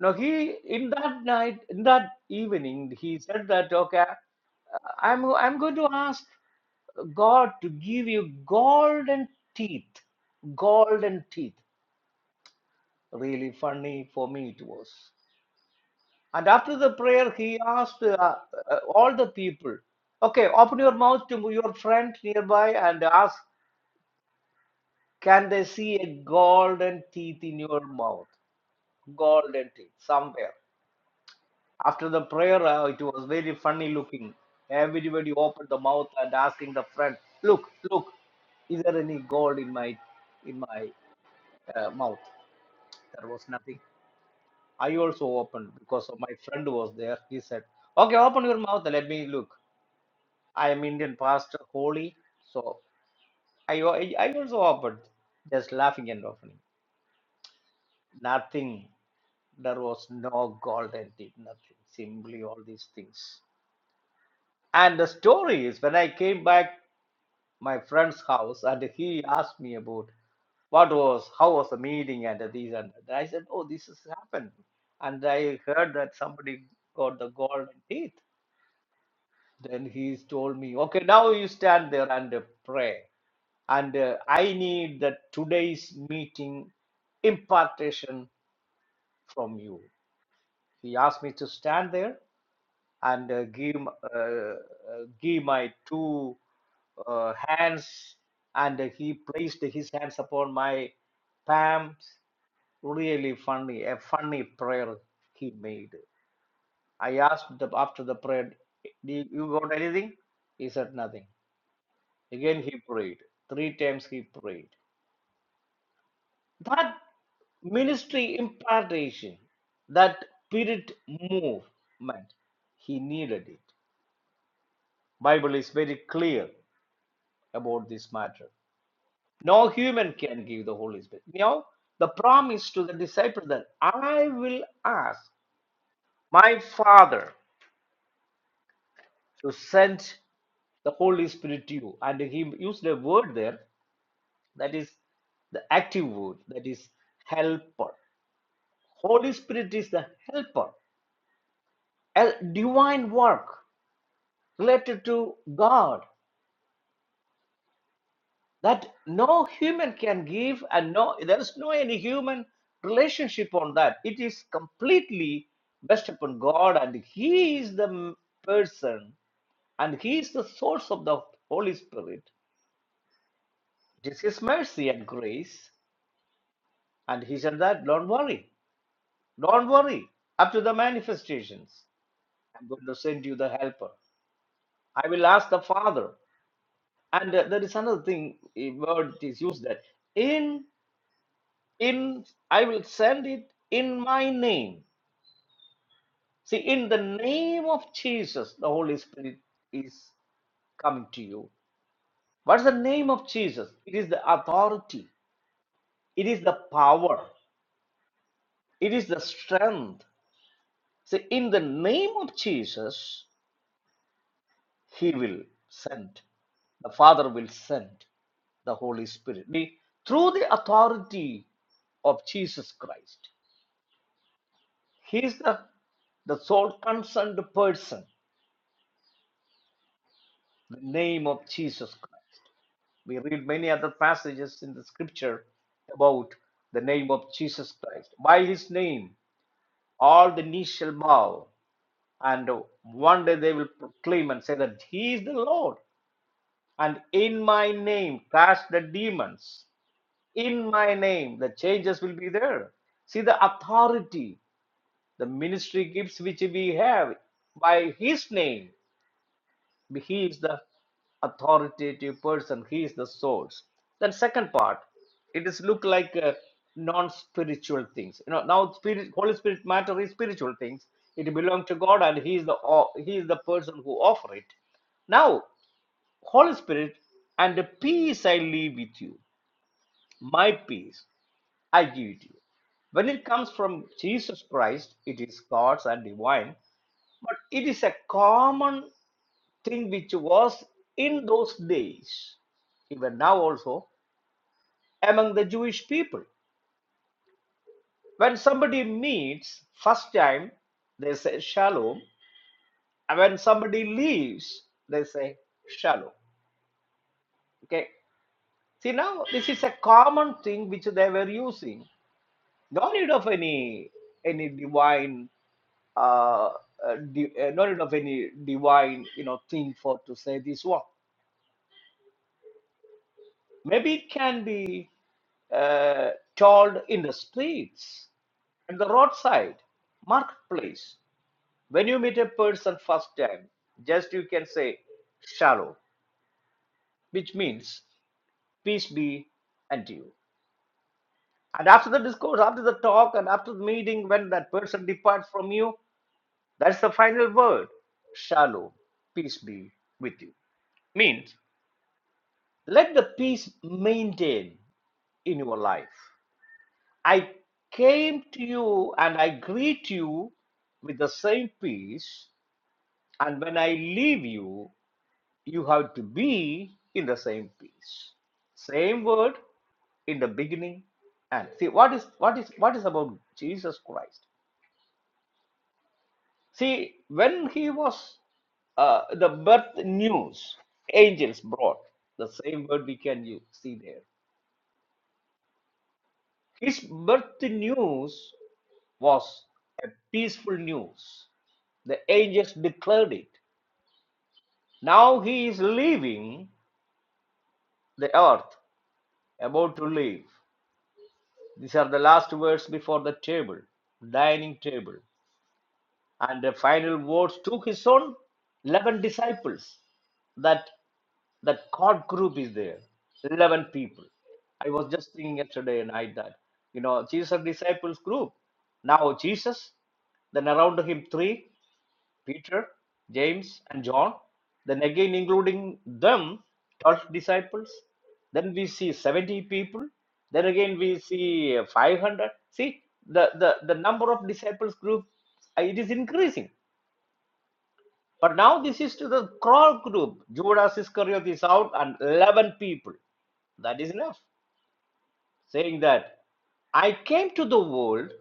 Now he in that night, in that evening, he said that, okay, uh, I'm I'm going to ask God to give you golden teeth, golden teeth. Really funny for me it was. And after the prayer, he asked uh, uh, all the people, okay, open your mouth to your friend nearby and ask, can they see a golden teeth in your mouth? Golden teeth somewhere. After the prayer, uh, it was very funny looking. Everybody opened the mouth and asking the friend, "Look, look, is there any gold in my in my uh, mouth?" There was nothing. I also opened because of my friend was there. He said, "Okay, open your mouth. Let me look. I am Indian pastor, holy." So I I I also opened, just laughing and opening. Nothing. There was no gold and did nothing. Simply all these things. And the story is when I came back. my friend's house and he asked me about what was how was the meeting and these and that. I said, oh, this has happened, and I heard that somebody got the golden teeth. Then he told me, okay, now you stand there and uh, pray, and uh, I need the today's meeting impartation from you. He asked me to stand there and uh, give m- uh, uh, give my two uh, hands and he placed his hands upon my palms really funny a funny prayer he made i asked the, after the prayer do you you got anything he said nothing again he prayed three times he prayed that ministry impartation that spirit movement he needed it bible is very clear about this matter. No human can give the Holy Spirit. Now, the promise to the disciple that I will ask my Father to send the Holy Spirit to you. And he used a word there that is the active word, that is helper. Holy Spirit is the helper, a divine work related to God. that no human can give and no there is no any human relationship on that it is completely based upon god and he is the person and he is the source of the holy spirit it is his mercy and grace and he said that don't worry don't worry up to the manifestations i'm going to send you the helper i will ask the father and uh, there is another thing a word is used that in. in i will send it in my name see in the name of jesus the holy spirit is coming to you what's the name of jesus it is the authority it is the power it is the strength see in the name of jesus he will send the father will send the holy spirit We- through the authority of jesus christ he is the the sole concerned person the name of Jesus Christ. We read many other passages in the scripture about the name of Jesus Christ. By his name, all the knees shall bow, and one day they will proclaim and say that he is the Lord. And in my name, cast the demons. In my name, the changes will be there. See the authority the ministry gifts which we have by his name He is the authoritative person. He is the source. Then second part, it is look like uh, non-spiritual things. You know, now spirit, Holy Spirit matter is spiritual things. It belongs to God, and He is the o- He is the person who offer it. Now, Holy Spirit, and the peace I leave with you, my peace I give it to you. When it comes from Jesus Christ, it is God's and divine, but it is a common thing which was in those days, even now also, among the Jewish people. When somebody meets first time, they say shalom. And when somebody leaves, they say shalom. Okay. See now this is a common thing which they were using. No need of any any divine uh, uh, di- uh, no need of any divine you know thing for to say this one. Maybe it can be uh, told in the streets, in the roadside, marketplace. When you meet a person first time, just you can say shalom, which means peace be unto you. And after the discourse, after the talk, and after the meeting, when that person departs from you, that's the final word shalom, peace be with you. Means let the peace maintain in your life. I came to you and I greet you with the same peace. And when I leave you, you have to be in the same peace. Same word in the beginning. And see what is what is what is about Jesus Christ. See, when he was uh, the birth news, angels brought the same word we can use, see there. His birth news was a peaceful news. The angels declared it. Now he is leaving the earth, about to leave. These are the last words before the table, dining table. And the final words to his own 11 disciples. That that God group is there, 11 people. I was just thinking yesterday night that, you know, Jesus disciples group. Now Jesus, then around him three. Peter, James, and John, then again including them, 12 disciples. Then we see 70 people. Then again we see uh, 500. See, the, the, the number of disciples group, uh, it is increasing. But now this is to the core group. Judas Iscariot is out and 11 people. That is enough. Saying that I came to the world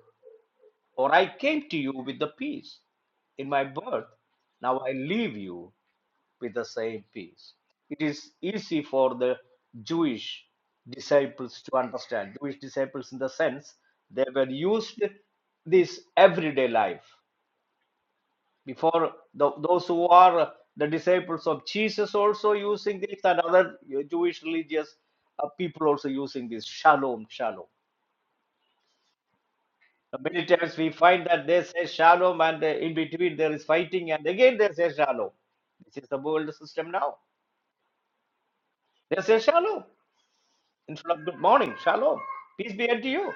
or I came to you with the peace in my birth. Now I leave you. with the same peace. It is easy for the Jewish disciples to understand. Jewish disciples, in the sense they were used this everyday life. Before the those who are uh, the disciples of Jesus also using this, and other uh, Jewish religious uh, people also using this shalom, shalom. Many times we find that they say shalom, and uh, in between there is fighting, and again they say shalom. This is the world system now. They say shalom. instead of good morning, shalom, peace be unto you.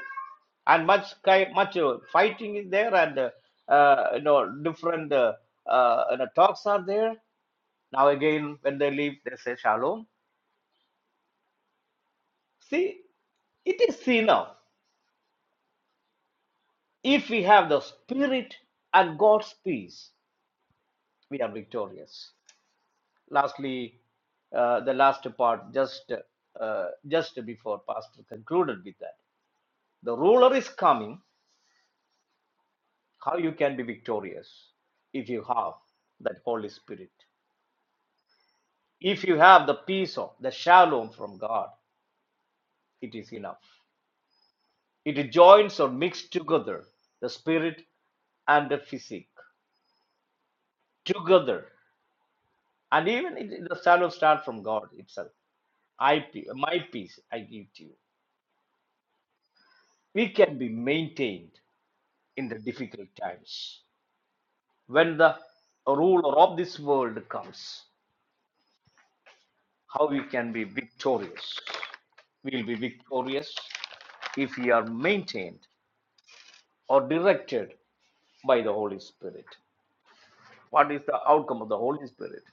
And much ki- much uh, fighting is there, and uh, uh, you know different uh, uh, you know, talks are there. Now again, when they leave, they say shalom. See, it is enough if we have the spirit and God's peace, we are victorious. Lastly, uh, the last part, just uh, just before Pastor concluded with that, the ruler is coming how you can be victorious if you have that holy spirit if you have the peace of the shalom from god it is enough it joins or mixes together the spirit and the physique together and even it, the shalom starts from god itself I my peace I give to you. We can be maintained in the difficult times when the ruler of this world comes. how we can be victorious. We will be victorious if we are maintained or directed by the Holy Spirit. What is the outcome of the Holy Spirit?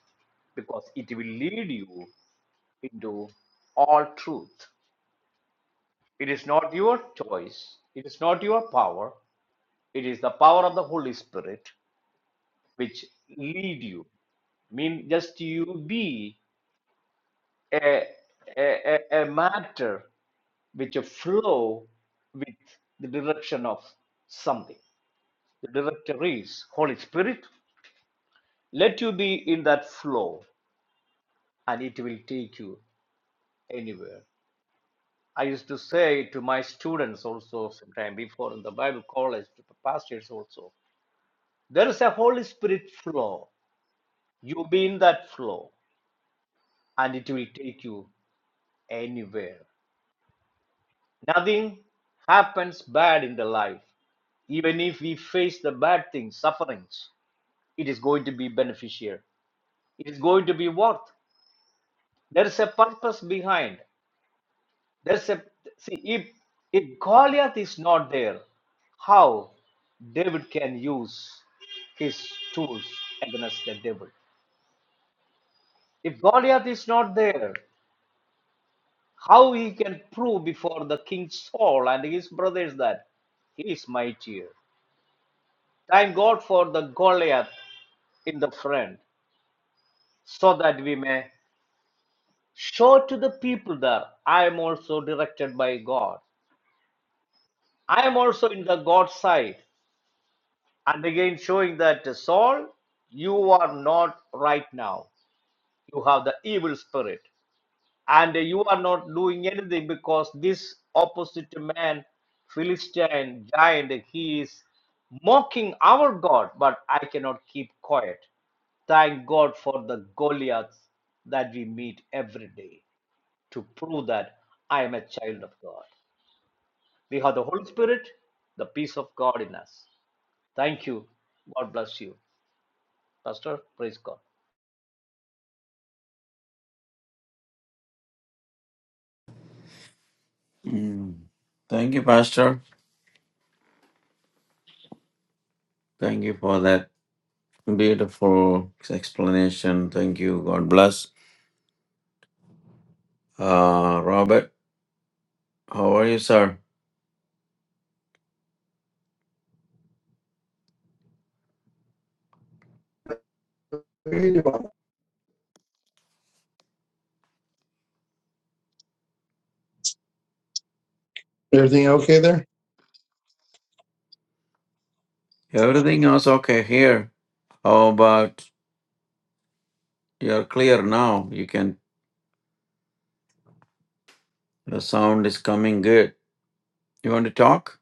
Because it will lead you into all truth. It is not your choice, it is not your power, it is the power of the Holy Spirit which lead you. I mean just you be a, a, a, a matter which flow with the direction of something. The director is Holy Spirit. Let you be in that flow and it will take you anywhere. I used to say to my students also sometime before in the Bible college, to the pastors also, there is a Holy Spirit flow. You be in that flow and it will take you anywhere. Nothing happens bad in the life, even if we face the bad things, sufferings. it is going to be beneficial it is going to be worth there is a purpose behind there's a see if if goliath is not there how david can use his tools against the devil if goliath is not there how he can prove before the king saul and his brothers that he is mightier thank god for the goliath in the front so that we may show to the people there i am also directed by god i am also in the God's side and again showing that saul you are not right now you have the evil spirit and you are not doing anything because this opposite man philistine giant he is mocking our god but i cannot keep quiet thank god for the goliaths that we meet every day to prove that I am a child of God. We have the Holy Spirit, the peace of God in us. Thank you. God bless you. Pastor, praise God.
Mm. Thank you, Pastor. Thank you for that beautiful explanation. Thank you. God bless. Uh, Robert, how are you, sir?
Everything okay there?
Everything is okay here. How about you're clear now? You can, the sound is coming good. You want to talk?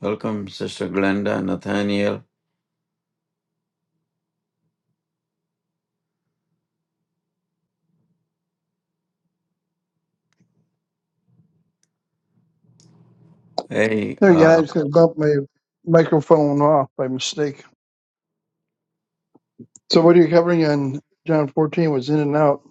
Welcome, Sister Glenda, Nathaniel. Hey,
There, yeah,
uh,
I just bumped my microphone off by mistake. So, what are you covering on John 14? Was in and out.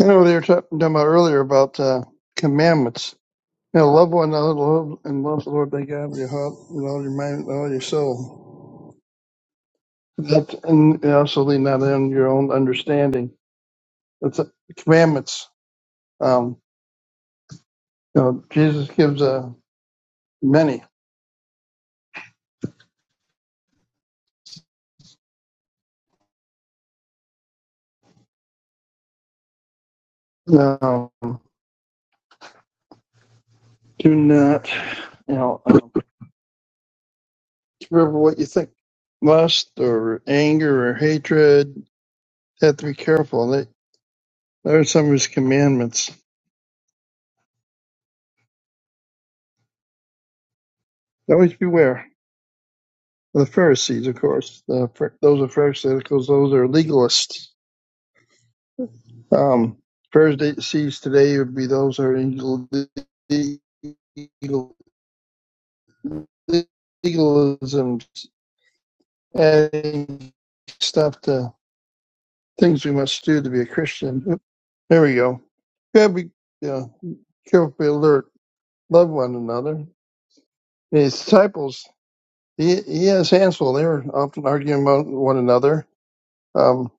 I know they were talking about earlier about uh, commandments. You know, love one another love, and love the Lord thy God with your heart, with all your mind, with all your soul. That, and also lean not on your own understanding. That's uh, commandments. Um, you know, Jesus gives uh, many. Um, do not, you know. Remember what you think. Lust or anger or hatred. You Have to be careful. They, there are some of his commandments. Always beware. The Pharisees, of course. The, Phar- those are Pharisaicals. Those are legalists. Um, Pharisees today would be those who are in legal, legalism, adding stuff to things we must do to be a Christian. There we go. Gotta be yeah, careful, be alert. love one another. His disciples, he, he has Hansel. They were often arguing about one another, um,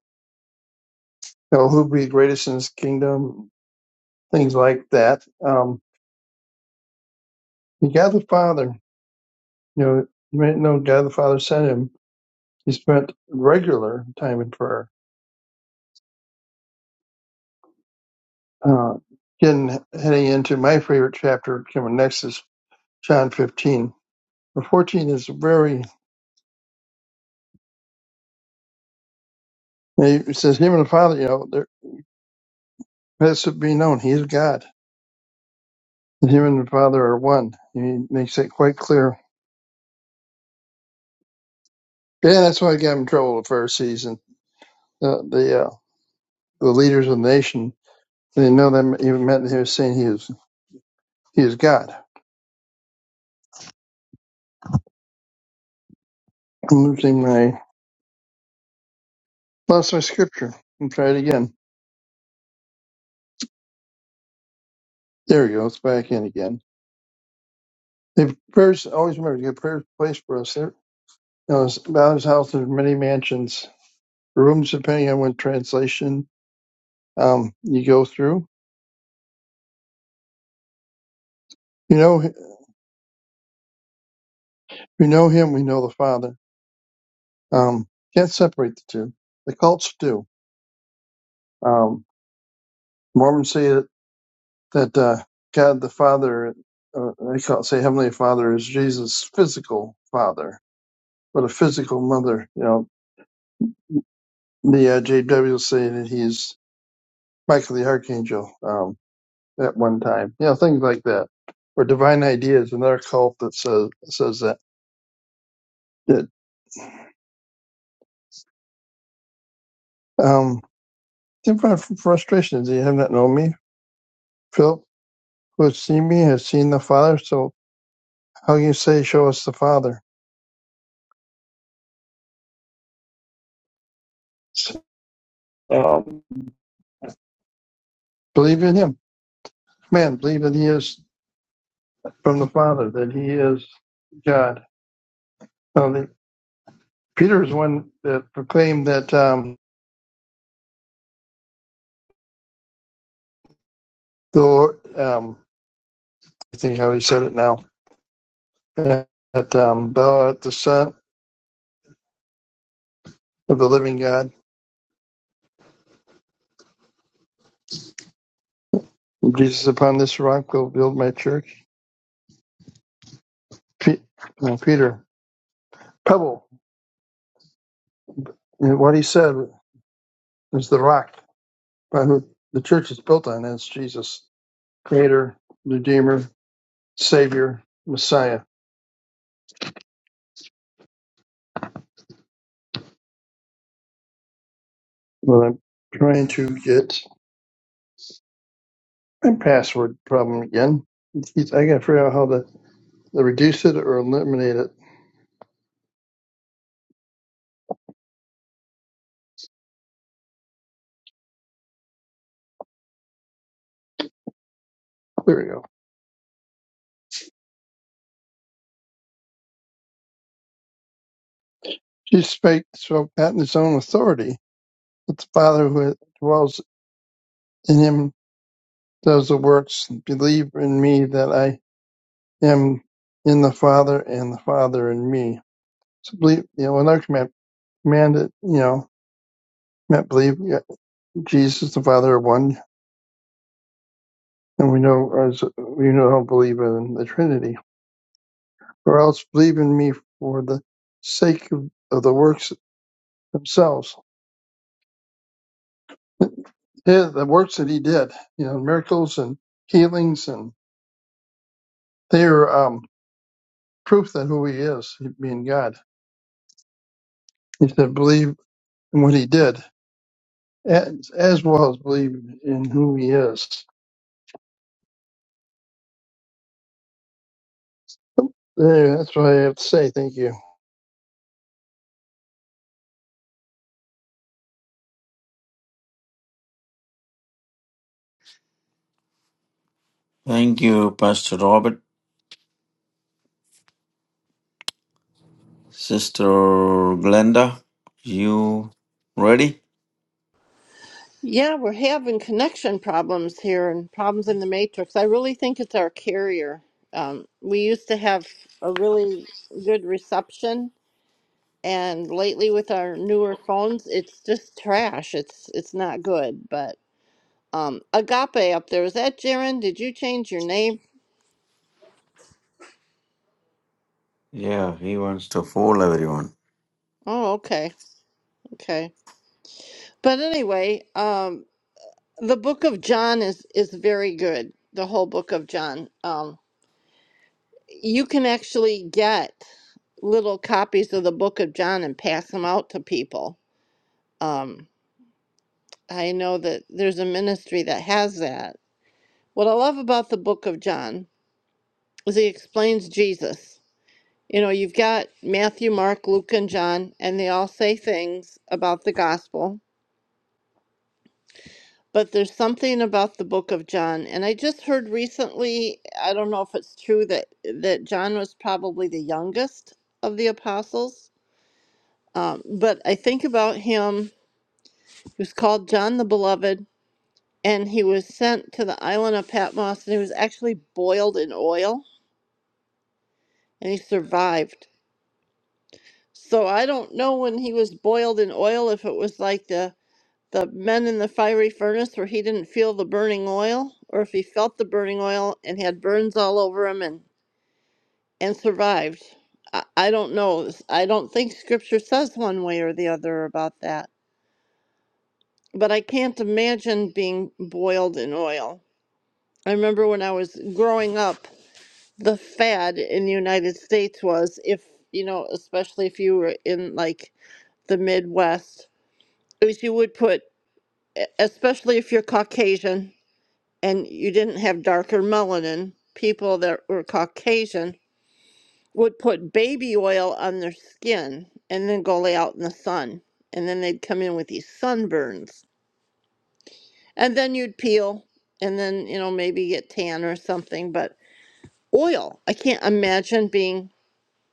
you know, who'd be greatest in his kingdom, things like that. Um, he got the Father, you know, you may know God the Father sent him. He spent regular time in prayer. Uh, getting heading into my favorite chapter coming next is John 15. But 14 is very, it says, Him and the Father, you know, there has to be known. He is God The human and the Father are one. He makes that quite clear. Yeah, that's why I got in trouble with the first season. The the, uh, the leaders of the nation they didn't know that even meant that he was saying he is he is God. I'm losing my lost my scripture. I'll try it again. There we go. It's back in again. The prayers always remember to get prayers place for us. There, you know, about his house there's many mansions, rooms depending on what translation um, you go through. You know, we know him. We know the Father. Um, can't separate the two. The cults do. Um, Mormons say that, that uh, God the Father, uh, uh, they call, say Heavenly Father is Jesus' physical father, but a physical mother. You know, the uh, JW say that he's Michael the Archangel um, at one time. You know, things like that. Or divine ideas, another cult that says says that. that um, different frustrations. You have not known me, Philip, who has seen me has seen the Father. So how you say, show us the Father? Um, believe in him. Man, believe that he is from the Father, that he is God. Now, the, Peter is one that proclaimed that um, the Lord, um, I think how he said it now, that um, thou art the Son of the living God. Jesus, upon this rock will build my church. Pe- uh, Peter, pebble, and what he said is the rock by who the church is built on. That's Jesus, creator, redeemer, savior, messiah Well, I'm trying to get my password problem again. Jeez, I got to figure out how to, to reduce it or eliminate it. There we go. Jesus spake, spoke not in his own authority, but the Father who dwells in him does the works. Believe in me that I am in the Father and the Father in me. So believe, you know, another command, command it, you know, not believe yeah, Jesus, the Father are one. And we know, as we know, don't believe in the Trinity or else believe in me for the sake of, of the works themselves. Yeah, the works that he did, you know, miracles and healings, and they are um, proof that who he is, being God. He said, believe in what he did, as, as well as believe in who he is. There, that's what I have to say. Thank you.
Thank you, Pastor Robert. Sister Glenda, you ready?
Yeah, we're having connection problems here and problems in the matrix. I really think it's our carrier. Um, we used to have a really good reception, and lately with our newer phones, it's just trash. It's it's not good. But um, Agape up there is that Jaren? Did you change your name?
Yeah, he wants to fool everyone.
Oh, okay, okay. But anyway, um, the Book of John is is very good. The whole Book of John. Um, you can actually get. little copies of the book of John and pass them out to people. Um, I know that there's a ministry that has that. What I love about the book of John is he explains Jesus. You know, you've got Matthew, Mark, Luke, and John, and they all say things about the gospel, but there's something about the book of John. And I just heard recently, I don't know if it's true that that John was probably the youngest of the apostles. Um, but I think about him he was called John the Beloved and he was sent to the island of Patmos, and he was actually boiled in oil, and he survived. So I don't know when he was boiled in oil if it was like the the men in the fiery furnace where he didn't feel the burning oil, or if he felt the burning oil and had burns all over him and and survived. I, I don't know. I don't think Scripture says one way or the other about that. But I can't imagine being boiled in oil. I remember when I was growing up. the fad in the United States was if you know, especially if you were in like the Midwest, is you would put, e- especially if you're Caucasian and you didn't have darker melanin, people that were Caucasian would put baby oil on their skin and then go lay out in the sun, and then they'd come in with these sunburns, and then you'd peel, and then you know maybe get tan or something, but oil. I can't imagine being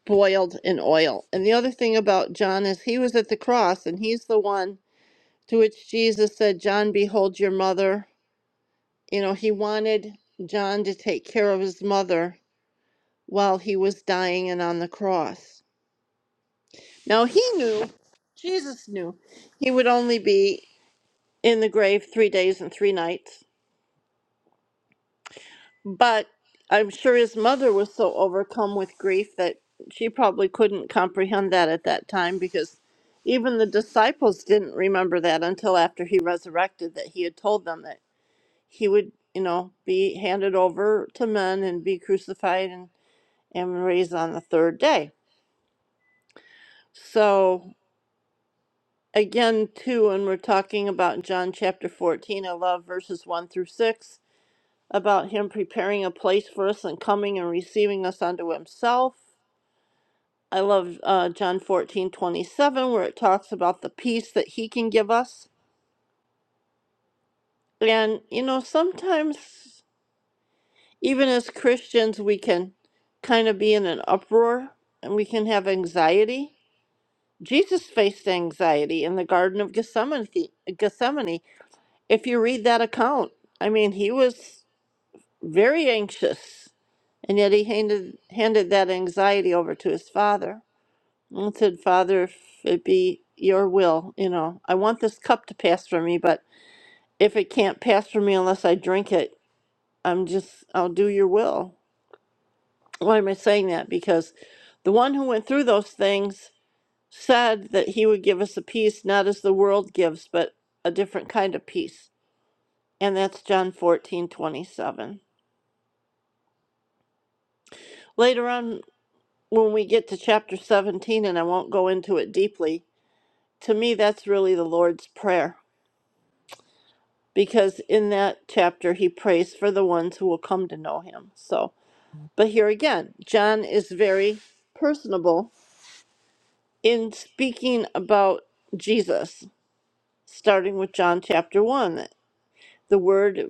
boiled in oil. And the other thing about John is he was at the cross and he's the one to which Jesus said, John, behold your mother. You know, he wanted John to take care of his mother while he was dying and on the cross. Now he knew, Jesus knew, he would only be in the grave three days and three nights. But I'm sure his mother was so overcome with grief that she probably couldn't comprehend that at that time because even the disciples didn't remember that until after he resurrected that he had told them that he would, you know, be handed over to men and be crucified and, and raised on the third day. So again, too, when we're talking about John chapter 14, I love verses 1 through 6 about him preparing a place for us and coming and receiving us unto himself I love uh, John fourteen twenty seven, where it talks about the peace that he can give us. And, you know, sometimes even as Christians, we can kind of be in an uproar and we can have anxiety. Jesus faced anxiety in the Garden of Gethsemane. Gethsemane. If you read that account, I mean, he was very anxious, and yet he handed, handed that anxiety over to his father. And said, Father, if it be your will, you know, I want this cup to pass from me, but if it can't pass from me unless I drink it, I'm just, I'll do your will. Why am I saying that? Because the one who went through those things said that he would give us a peace, not as the world gives, but a different kind of peace. And that's John 14:27. Later on, when we get to chapter 17, and I won't go into it deeply, to me, that's really the Lord's Prayer because in that chapter he prays for the ones who will come to know him. So, but here again, John is very personable in speaking about Jesus, starting with John chapter 1. The Word,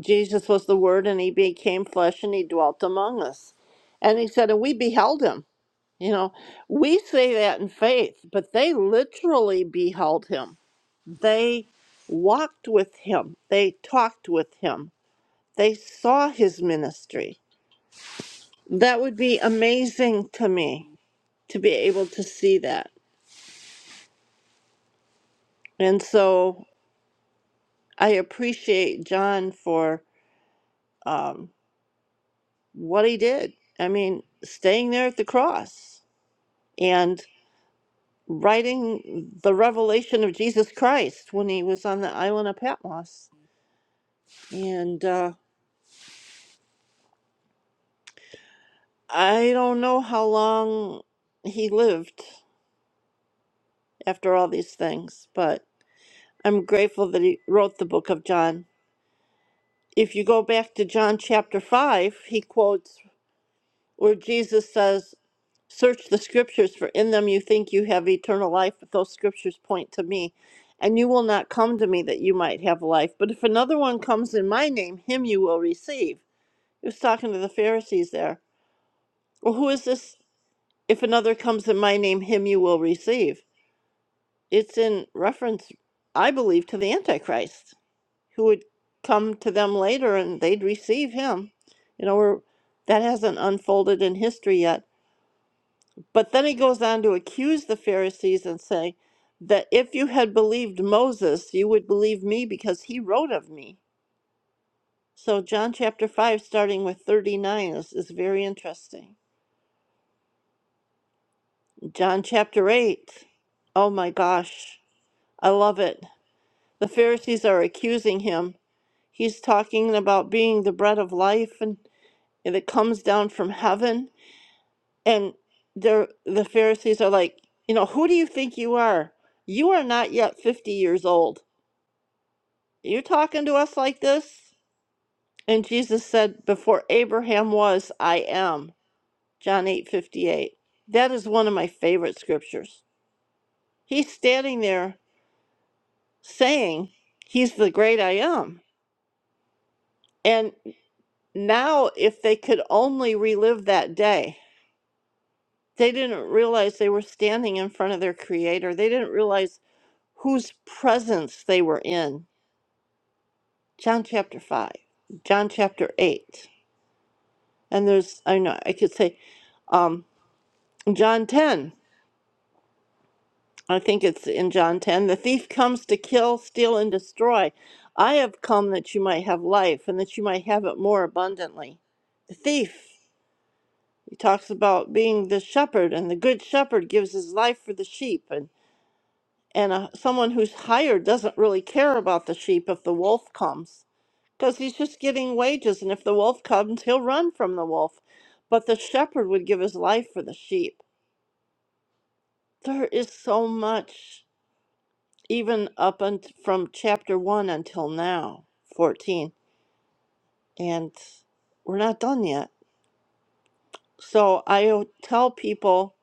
Jesus was the Word, and he became flesh and he dwelt among us. And he said, and we beheld him. You know, we say that in faith, but they literally beheld him. They walked with him, they talked with him They saw his ministry. That would be amazing to me to be able to see that. And so I appreciate John for um, what he did. I mean, staying there at the cross and writing the revelation of Jesus Christ when he was on the island of Patmos. And uh, I don't know how long he lived after all these things, but I'm grateful that he wrote the book of John if you go back to John chapter 5, he quotes where Jesus says, Search the scriptures, for in them you think you have eternal life, but those scriptures point to me. And you will not come to me that you might have life. But if another one comes in my name, him you will receive. He was talking to the Pharisees there. Well, who is this? If another comes in my name, him you will receive. It's in reference, I believe, to the Antichrist. who would come to them later and they'd receive him. You know, we're, that hasn't unfolded in history yet. But then he goes on to accuse the Pharisees and say that if you had believed Moses, you would believe me because he wrote of me. So, John chapter 5, starting with 39, is, is very interesting. John chapter 8, oh my gosh, I love it. The Pharisees are accusing him. He's talking about being the bread of life and. and it comes down from heaven and they the pharisees are like you know who do you think you are you are not yet 50 years old you talking to us like this and jesus said before abraham was i am john eight fifty that is one of my favorite scriptures he's standing there saying he's the great i am and now if they could only relive that day they didn't realize they were standing in front of their creator. They didn't realize whose presence they were in. John chapter 5, John chapter 8. And there's, I know, I could say um, John 10. I think it's in John 10. The thief comes to kill, steal, and destroy. I have come that you might have life and that you might have it more abundantly. The thief, he talks about being the shepherd, and the good shepherd gives his life for the sheep. And, and uh someone who's hired doesn't really care about the sheep if the wolf comes. because he's just getting wages, and if the wolf comes, he'll run from the wolf. But the shepherd would give his life for the sheep. There is so much, even up unt from chapter 1 until now, 14, and we're not done yet. So I o- tell people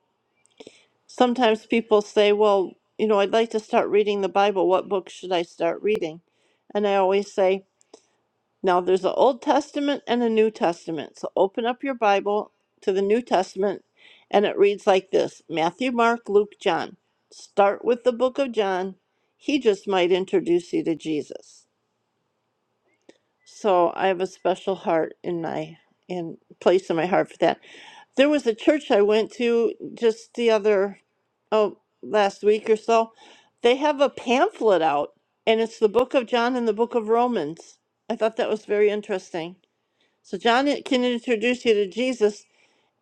sometimes people say, Well, you know, I'd like to start reading the Bible. What book should I start reading? And I always say, Now there's an Old Testament and a New Testament. So open up your Bible to the New Testament and it reads like this Matthew, Mark, Luke, John. Start with the book of John. He just might introduce you to Jesus. So I have a special heart in my in place in my heart for that. There was a church I went to just the other oh last week or so. They have a pamphlet out and it's the book of John and the book of Romans. I thought that was very interesting. So John can introduce you to Jesus,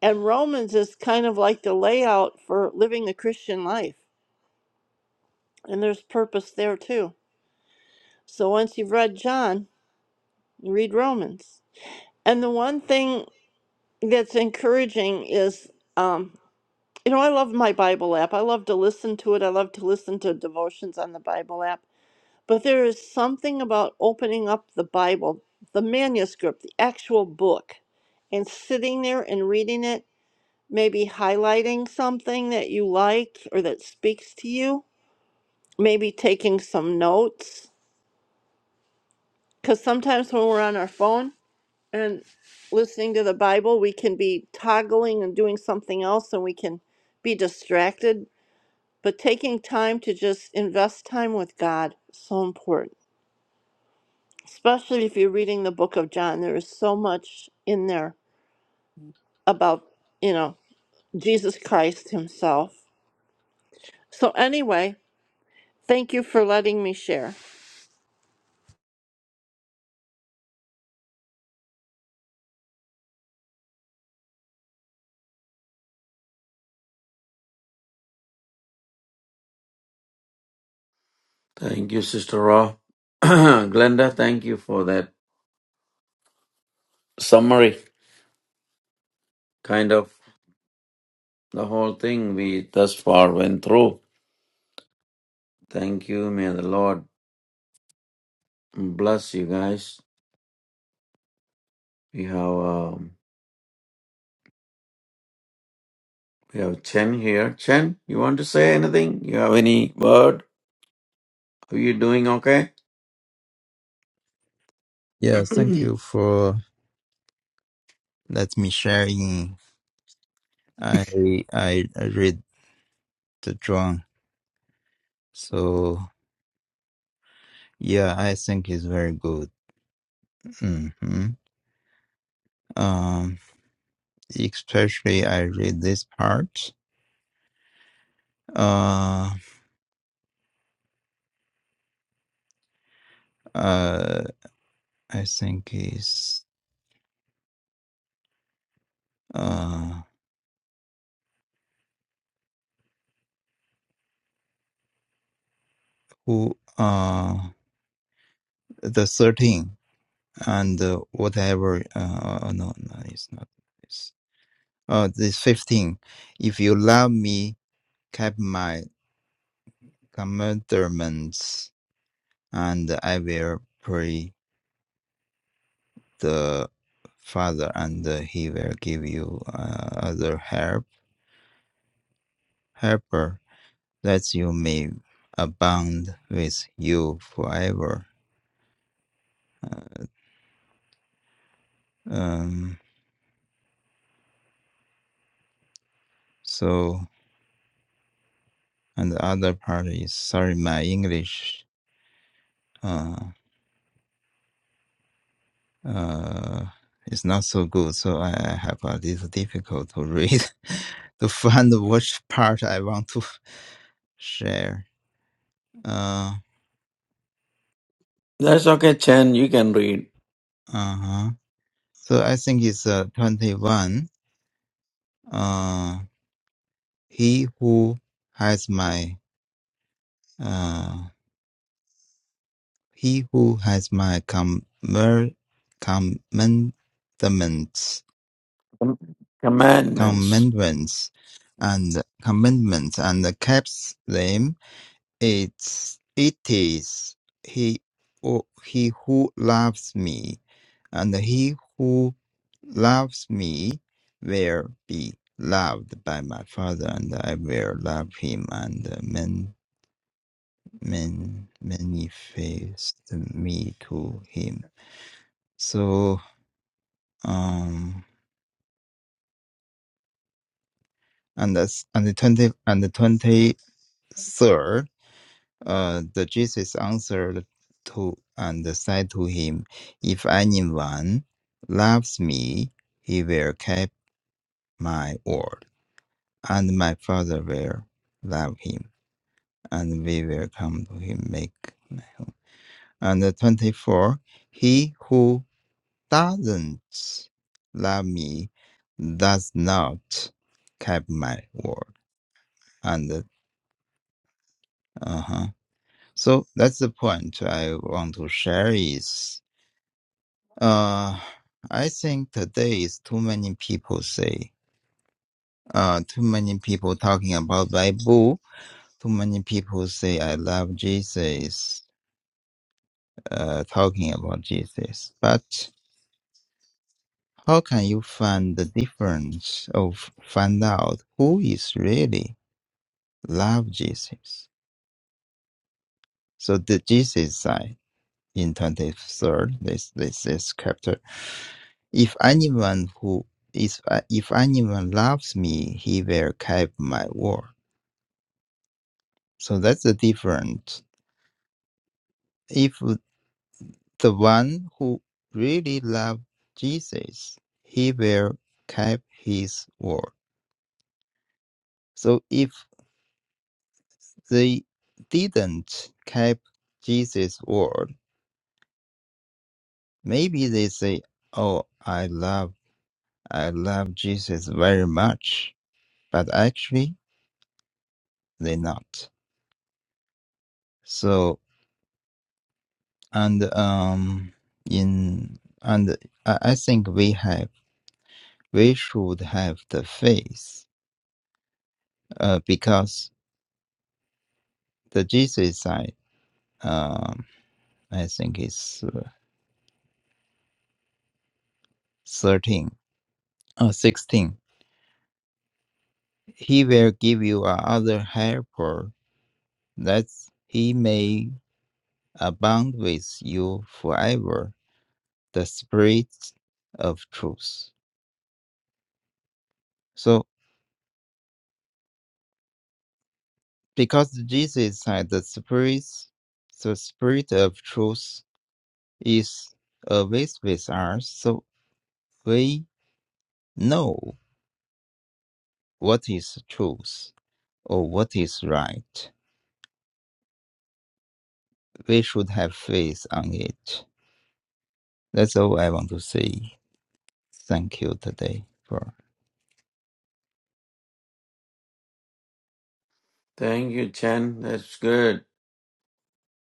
and Romans is kind of like the layout for living the Christian life. And there's purpose there too. So once you've read John, you read Romans. And the one thing that's encouraging is, um, you know, I love my Bible app. I love to listen to it. I love to listen to devotions on the Bible app. But there is something about opening up the Bible, the manuscript, the actual book, and sitting there and reading it maybe highlighting something that you liked or that speaks to you, maybe taking some notes. Because sometimes when we're on our phone and listening to the Bible, we can be toggling and doing something else and we can be distracted. But taking time to just invest time with God is so important, especially if you're reading the book of John. There is so much in there about, you know, Jesus Christ himself. So, anyway, thank you for letting me share.
Thank you, Sister Ra. Glenda, thank you for that summary, kind of the whole thing we thus far went through. Thank you. May the Lord bless you guys. We have um, we have Chen here. Chen, you want to say anything? You have any word? Are you doing okay?
Yeah, thank you for let me sharing. I I I read the drawing, so yeah, I think it's very good. hmm Um, especially I read this part. Uh, uh, I think is uh who uh the thirteen and uh, whatever. Uh, no, no, it's not this. Uh, this fifteen. If you love me, keep my commandments, and I will pray the Father, and he will give you uh, other help, helper, that you may abound with you forever. Uh, Um, so, and the other part is sorry, my English uh, uh, is not so good, so I, I have a little difficult to read to find which part I want to share. Uh,
That's okay, Chen. You can read.
Uh-huh. So I think it's uh, 21. Uh, he who has my uh, he who has my commer- commandments,
Com- Commandments.
commandments, and commandments, and keeps them. It's it is he or he who loves me, and he who loves me will be loved by my Father, and I will love him and man, man, manifest me to him. So um and that's and the twenty and the twenty third Uh, the Jesus answered to and said to him, If anyone loves me, he will keep my word, and my Father will love him, and we will come to him make. And the 24, he who doesn't love me does not keep my word. And uh huh. So that's the point I want to share is Uh, I think today is too many people say, uh, too many people talking about Bible. Too many people say I love Jesus, uh, talking about Jesus. But how can you find the difference of find out who is really love Jesus? So the Jesus side in 23rd, this, this, this chapter. If anyone who is, if anyone loves me, he will keep my word. So that's the difference. If the one who really loved Jesus, he will keep his word. So if they didn't keep Jesus' word, maybe they say, "Oh, I love, I love Jesus very much," but actually they not. So and um in and I I think we have we should have the faith uh, because the GC side, um, I think is uh, 13 or 16. He will give you another helper that he may abound with you forever, the spirit of truth. So because the Jesus side, the spirit, the spirit of truth is always with us, so we know what is truth or what is right we should have faith on it. That's all I want to say. Thank you today for
Thank you, Chen. That's good.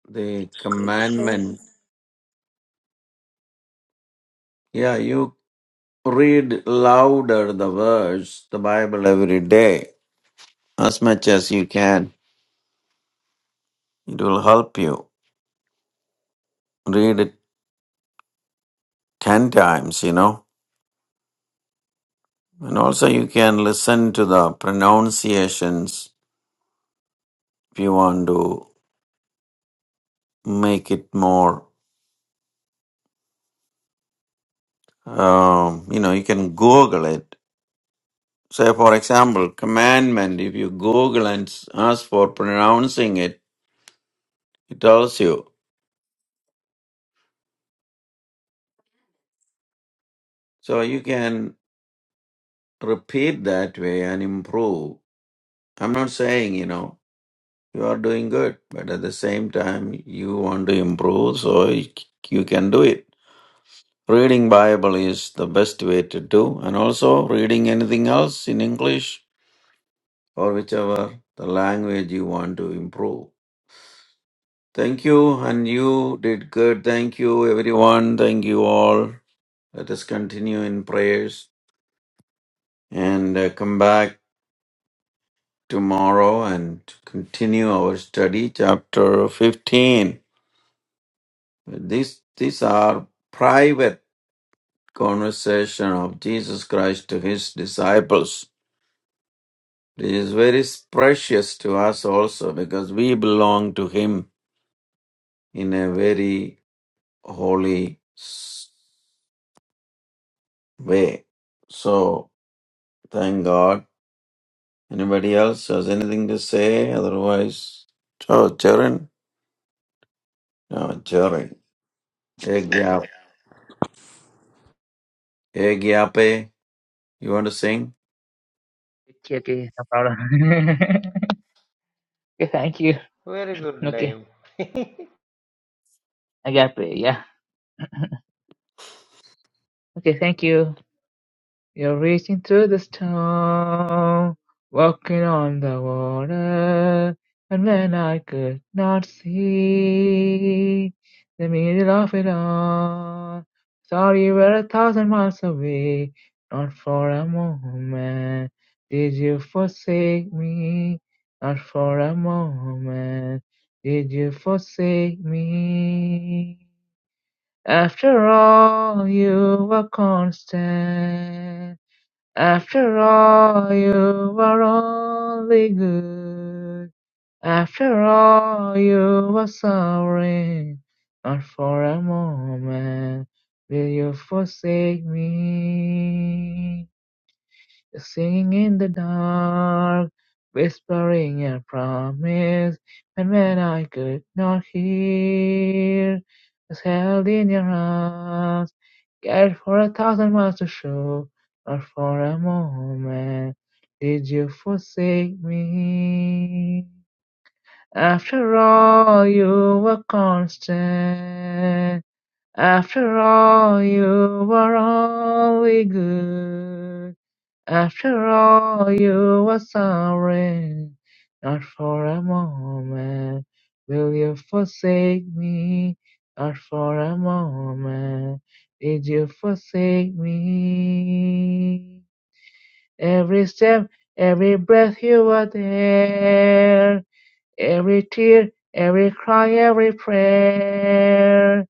The
Good share.
commandment. Yeah, you read louder the words, the Bible every day, as much as you can. It will help you. Read it 10 times, you know. And also, you can listen to the pronunciations if you want to make it more, um, you know, you can Google it Say, for example, commandment, if you Google and s- ask for pronouncing it, it tells you. So you can repeat that way and improve. I'm not saying, you know, you are doing good, but at the same time, you want to improve, so y- you can do it. Reading Bible is the best way to do, and also reading anything else in English or whichever the language you want to improve. Thank you, and you did good. Thank you, everyone. Thank you all. Let us continue in prayers and uh, come back tomorrow and continue our study, chapter 15. These, these are private conversation of Jesus Christ to his disciples. This is very precious to us also because we belong to him in a very holy s- way. So Thank God. Anybody else has anything to say? Otherwise, oh, Charan. No, Charan. Egyap- Egyape. You want to sing?
Okay. Okay. No problem. okay. Thank you.
Very good
Okay.
name.
Agape. Yeah. Okay. Thank you. You're reaching through the storm, walking on the water. And when I could not see the middle of it all, thought you were a thousand miles away. Not for a moment did you forsake me. Not for a moment did you forsake me. After all, you were constant. After all, you were only good. After all, you were sorry. Not for a moment will you forsake me. Singing in the dark, whispering a promise, and when I could not hear, was held in your arms, cared for a thousand miles to show, But for a moment did you forsake me. After all, you were constant. After all, you were only good. After all, you were sorry. Not for a moment will you forsake me. Not for a moment did you forsake me. Every step, every breath you were there. Every tear, every cry, every prayer.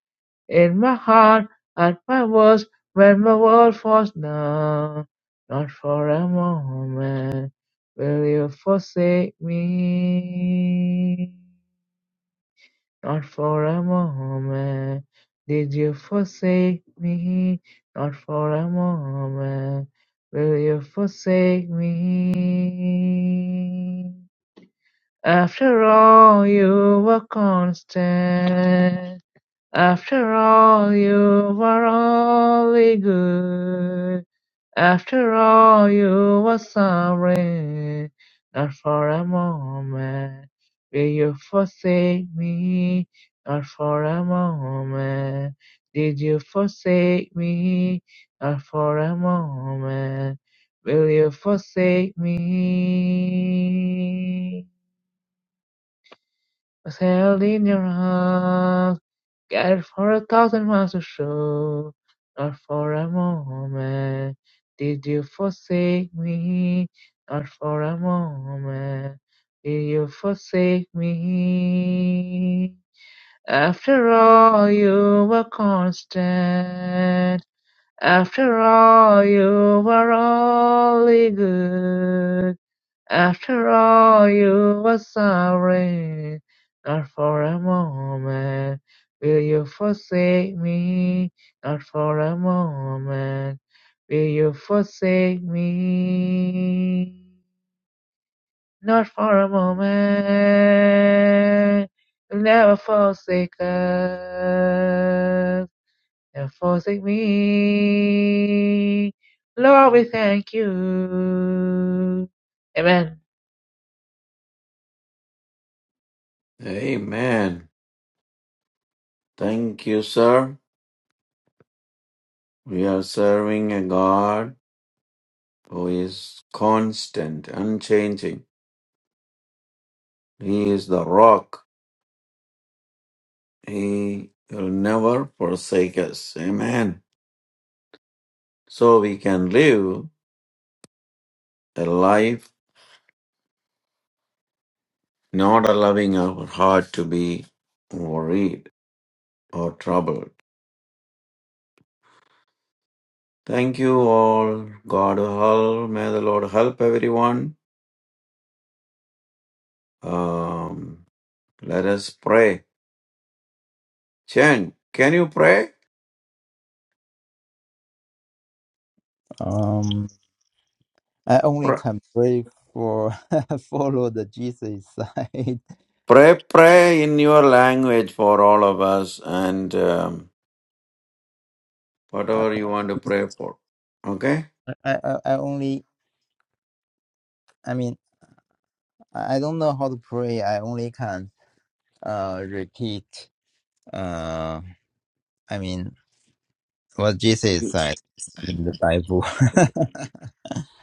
In my heart, at my worst, when my world falls down. Not for a moment will you forsake me. Not for a moment did you forsake me, not for a moment will you forsake me. After all, you were constant. After all, you were only good. After all, you were sorry. Not for a moment will you forsake me. Not for a moment did you forsake me. Not for a moment will you forsake me. Sail in your arms, cared for a thousand miles to show. Not for a moment did you forsake me. Not for a moment did you forsake me. After all, you were constant. After all, you were only good. After all, you were sorry. Not for a moment will you forsake me. Not for a moment will you forsake me. Not for a moment. You'll never forsake us. Never forsake me. Lord, we thank you. Amen.
Amen. Thank you, sir. We are serving a God who is constant, unchanging. He is the rock. He will never forsake us. Amen. So we can live a life not allowing our heart to be worried or trouble. Thank you all. God help. May the Lord help everyone. Um, let us pray. Chen, can you pray?
um. I only
Pr-
can pray for follow the Jesus side.
Pray, pray in your language for all of us and um, whatever you want to pray for. Okay?
I, I I only I mean I I don't know how to pray. I only can uh repeat. Uh, I mean Well, Jesus is said in the Bible.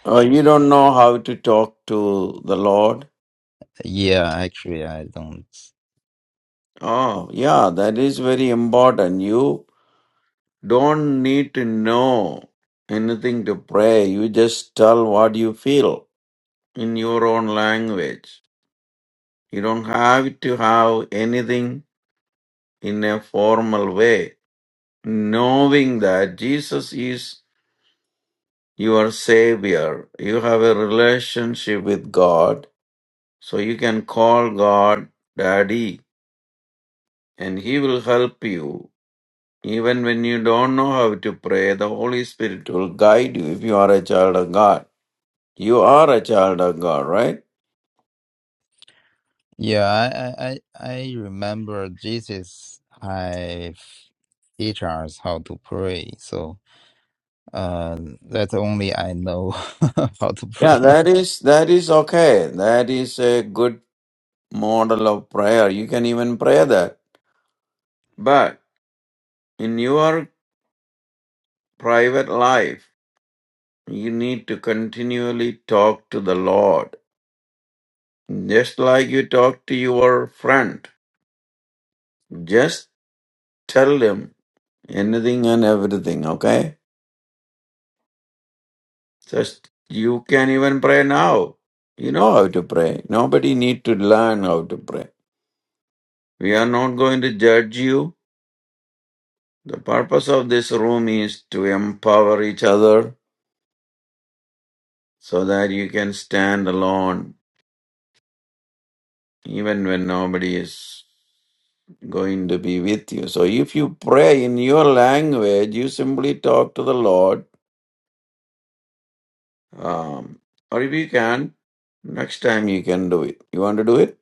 Uh, you don't know how to talk to the Lord.
yeah, actually, I don't.
Oh, yeah, that is very important. You don't need to know anything to pray. You just tell what you feel. in your own language. You don't have to have anything in a formal way. Knowing that Jesus is your Savior, you have a relationship with God, so you can call God Daddy and He will help you. Even when you don't know how to pray, the Holy Spirit will guide you if you are a child of God. You are a child of God, right?
Yeah, I, I, I I remember Jesus have teach us how to pray. So uh, that's only I know how to
Yeah,
pray.
that is that is okay. That is a good model of prayer. You can even pray that. But in your private life, you need to continually talk to the Lord. Just like you talk to your friend. Just tell him anything and everything, okay? Just you can even pray now. You know how to pray. Nobody need to learn how to pray. We are not going to judge you. The purpose of this room is to empower each other so that you can stand alone even when nobody is going to be with you. So if you pray in your language, you simply talk to the Lord. Um, or if you can, next time you can do it. You want to do it?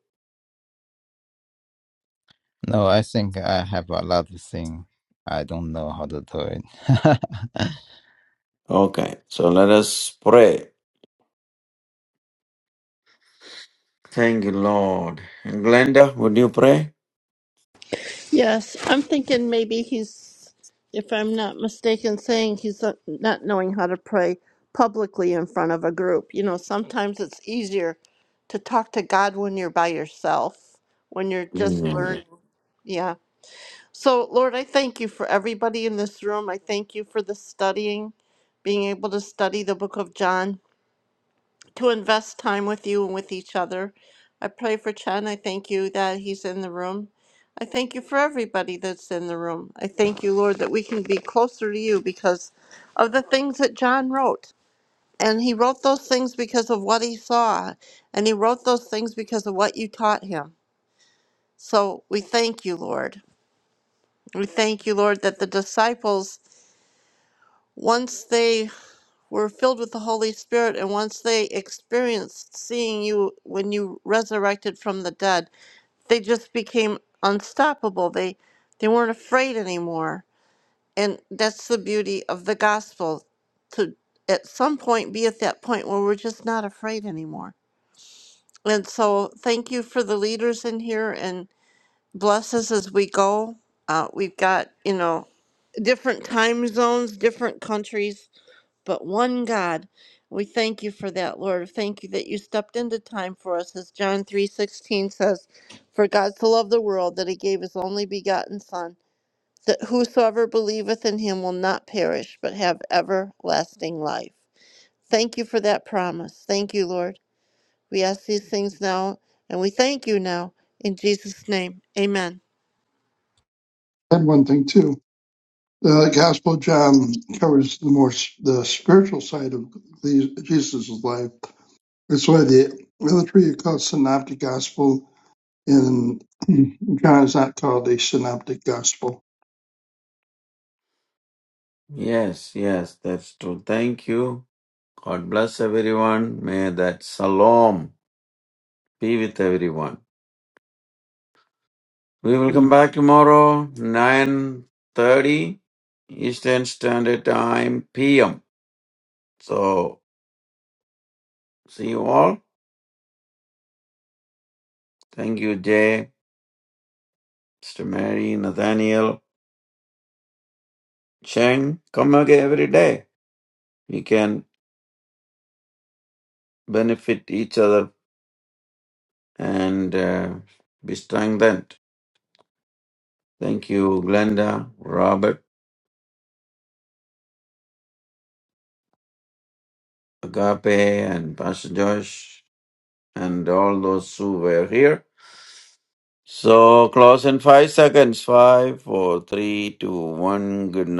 No, I think I have a lot of things. I don't know how to do it.
Okay. So let us pray. Thank you, Lord. And Glenda, would you pray?
Yes, I'm thinking maybe he's, if I'm not mistaken, saying he's not not knowing how to pray publicly in front of a group. You know, sometimes it's easier to talk to God when you're by yourself, when you're just Mhm.
Amen.
learning. Yeah. So, Lord, I thank you for everybody in this room. I thank you for the studying, being able to study the book of John. to invest time with you and with each other. I pray for Chen. I thank you that he's in the room. I thank you for everybody that's in the room. I thank you, Lord, that we can be closer to you because of the things that John wrote. And he wrote those things because of what he saw, and he wrote those things because of what you taught him. So we thank you, Lord. We thank you, Lord, that the disciples, once they were filled with the Holy Spirit, and once they experienced seeing you when you resurrected from the dead, they just became unstoppable. They they weren't afraid anymore. And that's the beauty of the gospel to at some point be at that point where we're just not afraid anymore. And so thank you for the leaders in here and bless us as we go. Uh, we've got, you know, different time zones, different countries but one God. We thank you for that, Lord. Thank you that you stepped into time for us, as John 3:16 says, "For God so loved the world that he gave his only begotten Son, that whosoever believeth in him will not perish, but have everlasting life." Thank you for that promise. Thank you, Lord. We ask these things now, and we thank you now in Jesus' name. Amen.
And one thing too, the Gospel of John covers the more s- the spiritual side of the- Jesus' life. That's why the other three are called synoptic gospel and John is not called a synoptic gospel.
Yes, yes, that's true. Thank you. God bless everyone. May that salam be with everyone. We will come back tomorrow, 9.30 Eastern Standard Time PM. So, see you all. Thank you, Jay, Mr. Mary, Nathaniel, Cheng. Come again every day. We can benefit each other and uh, be strengthened. Thank you, Glenda, Robert, Agape, and Pastor Josh, and all those who were here. So close in five seconds. Five, four, three, two, one. Good night.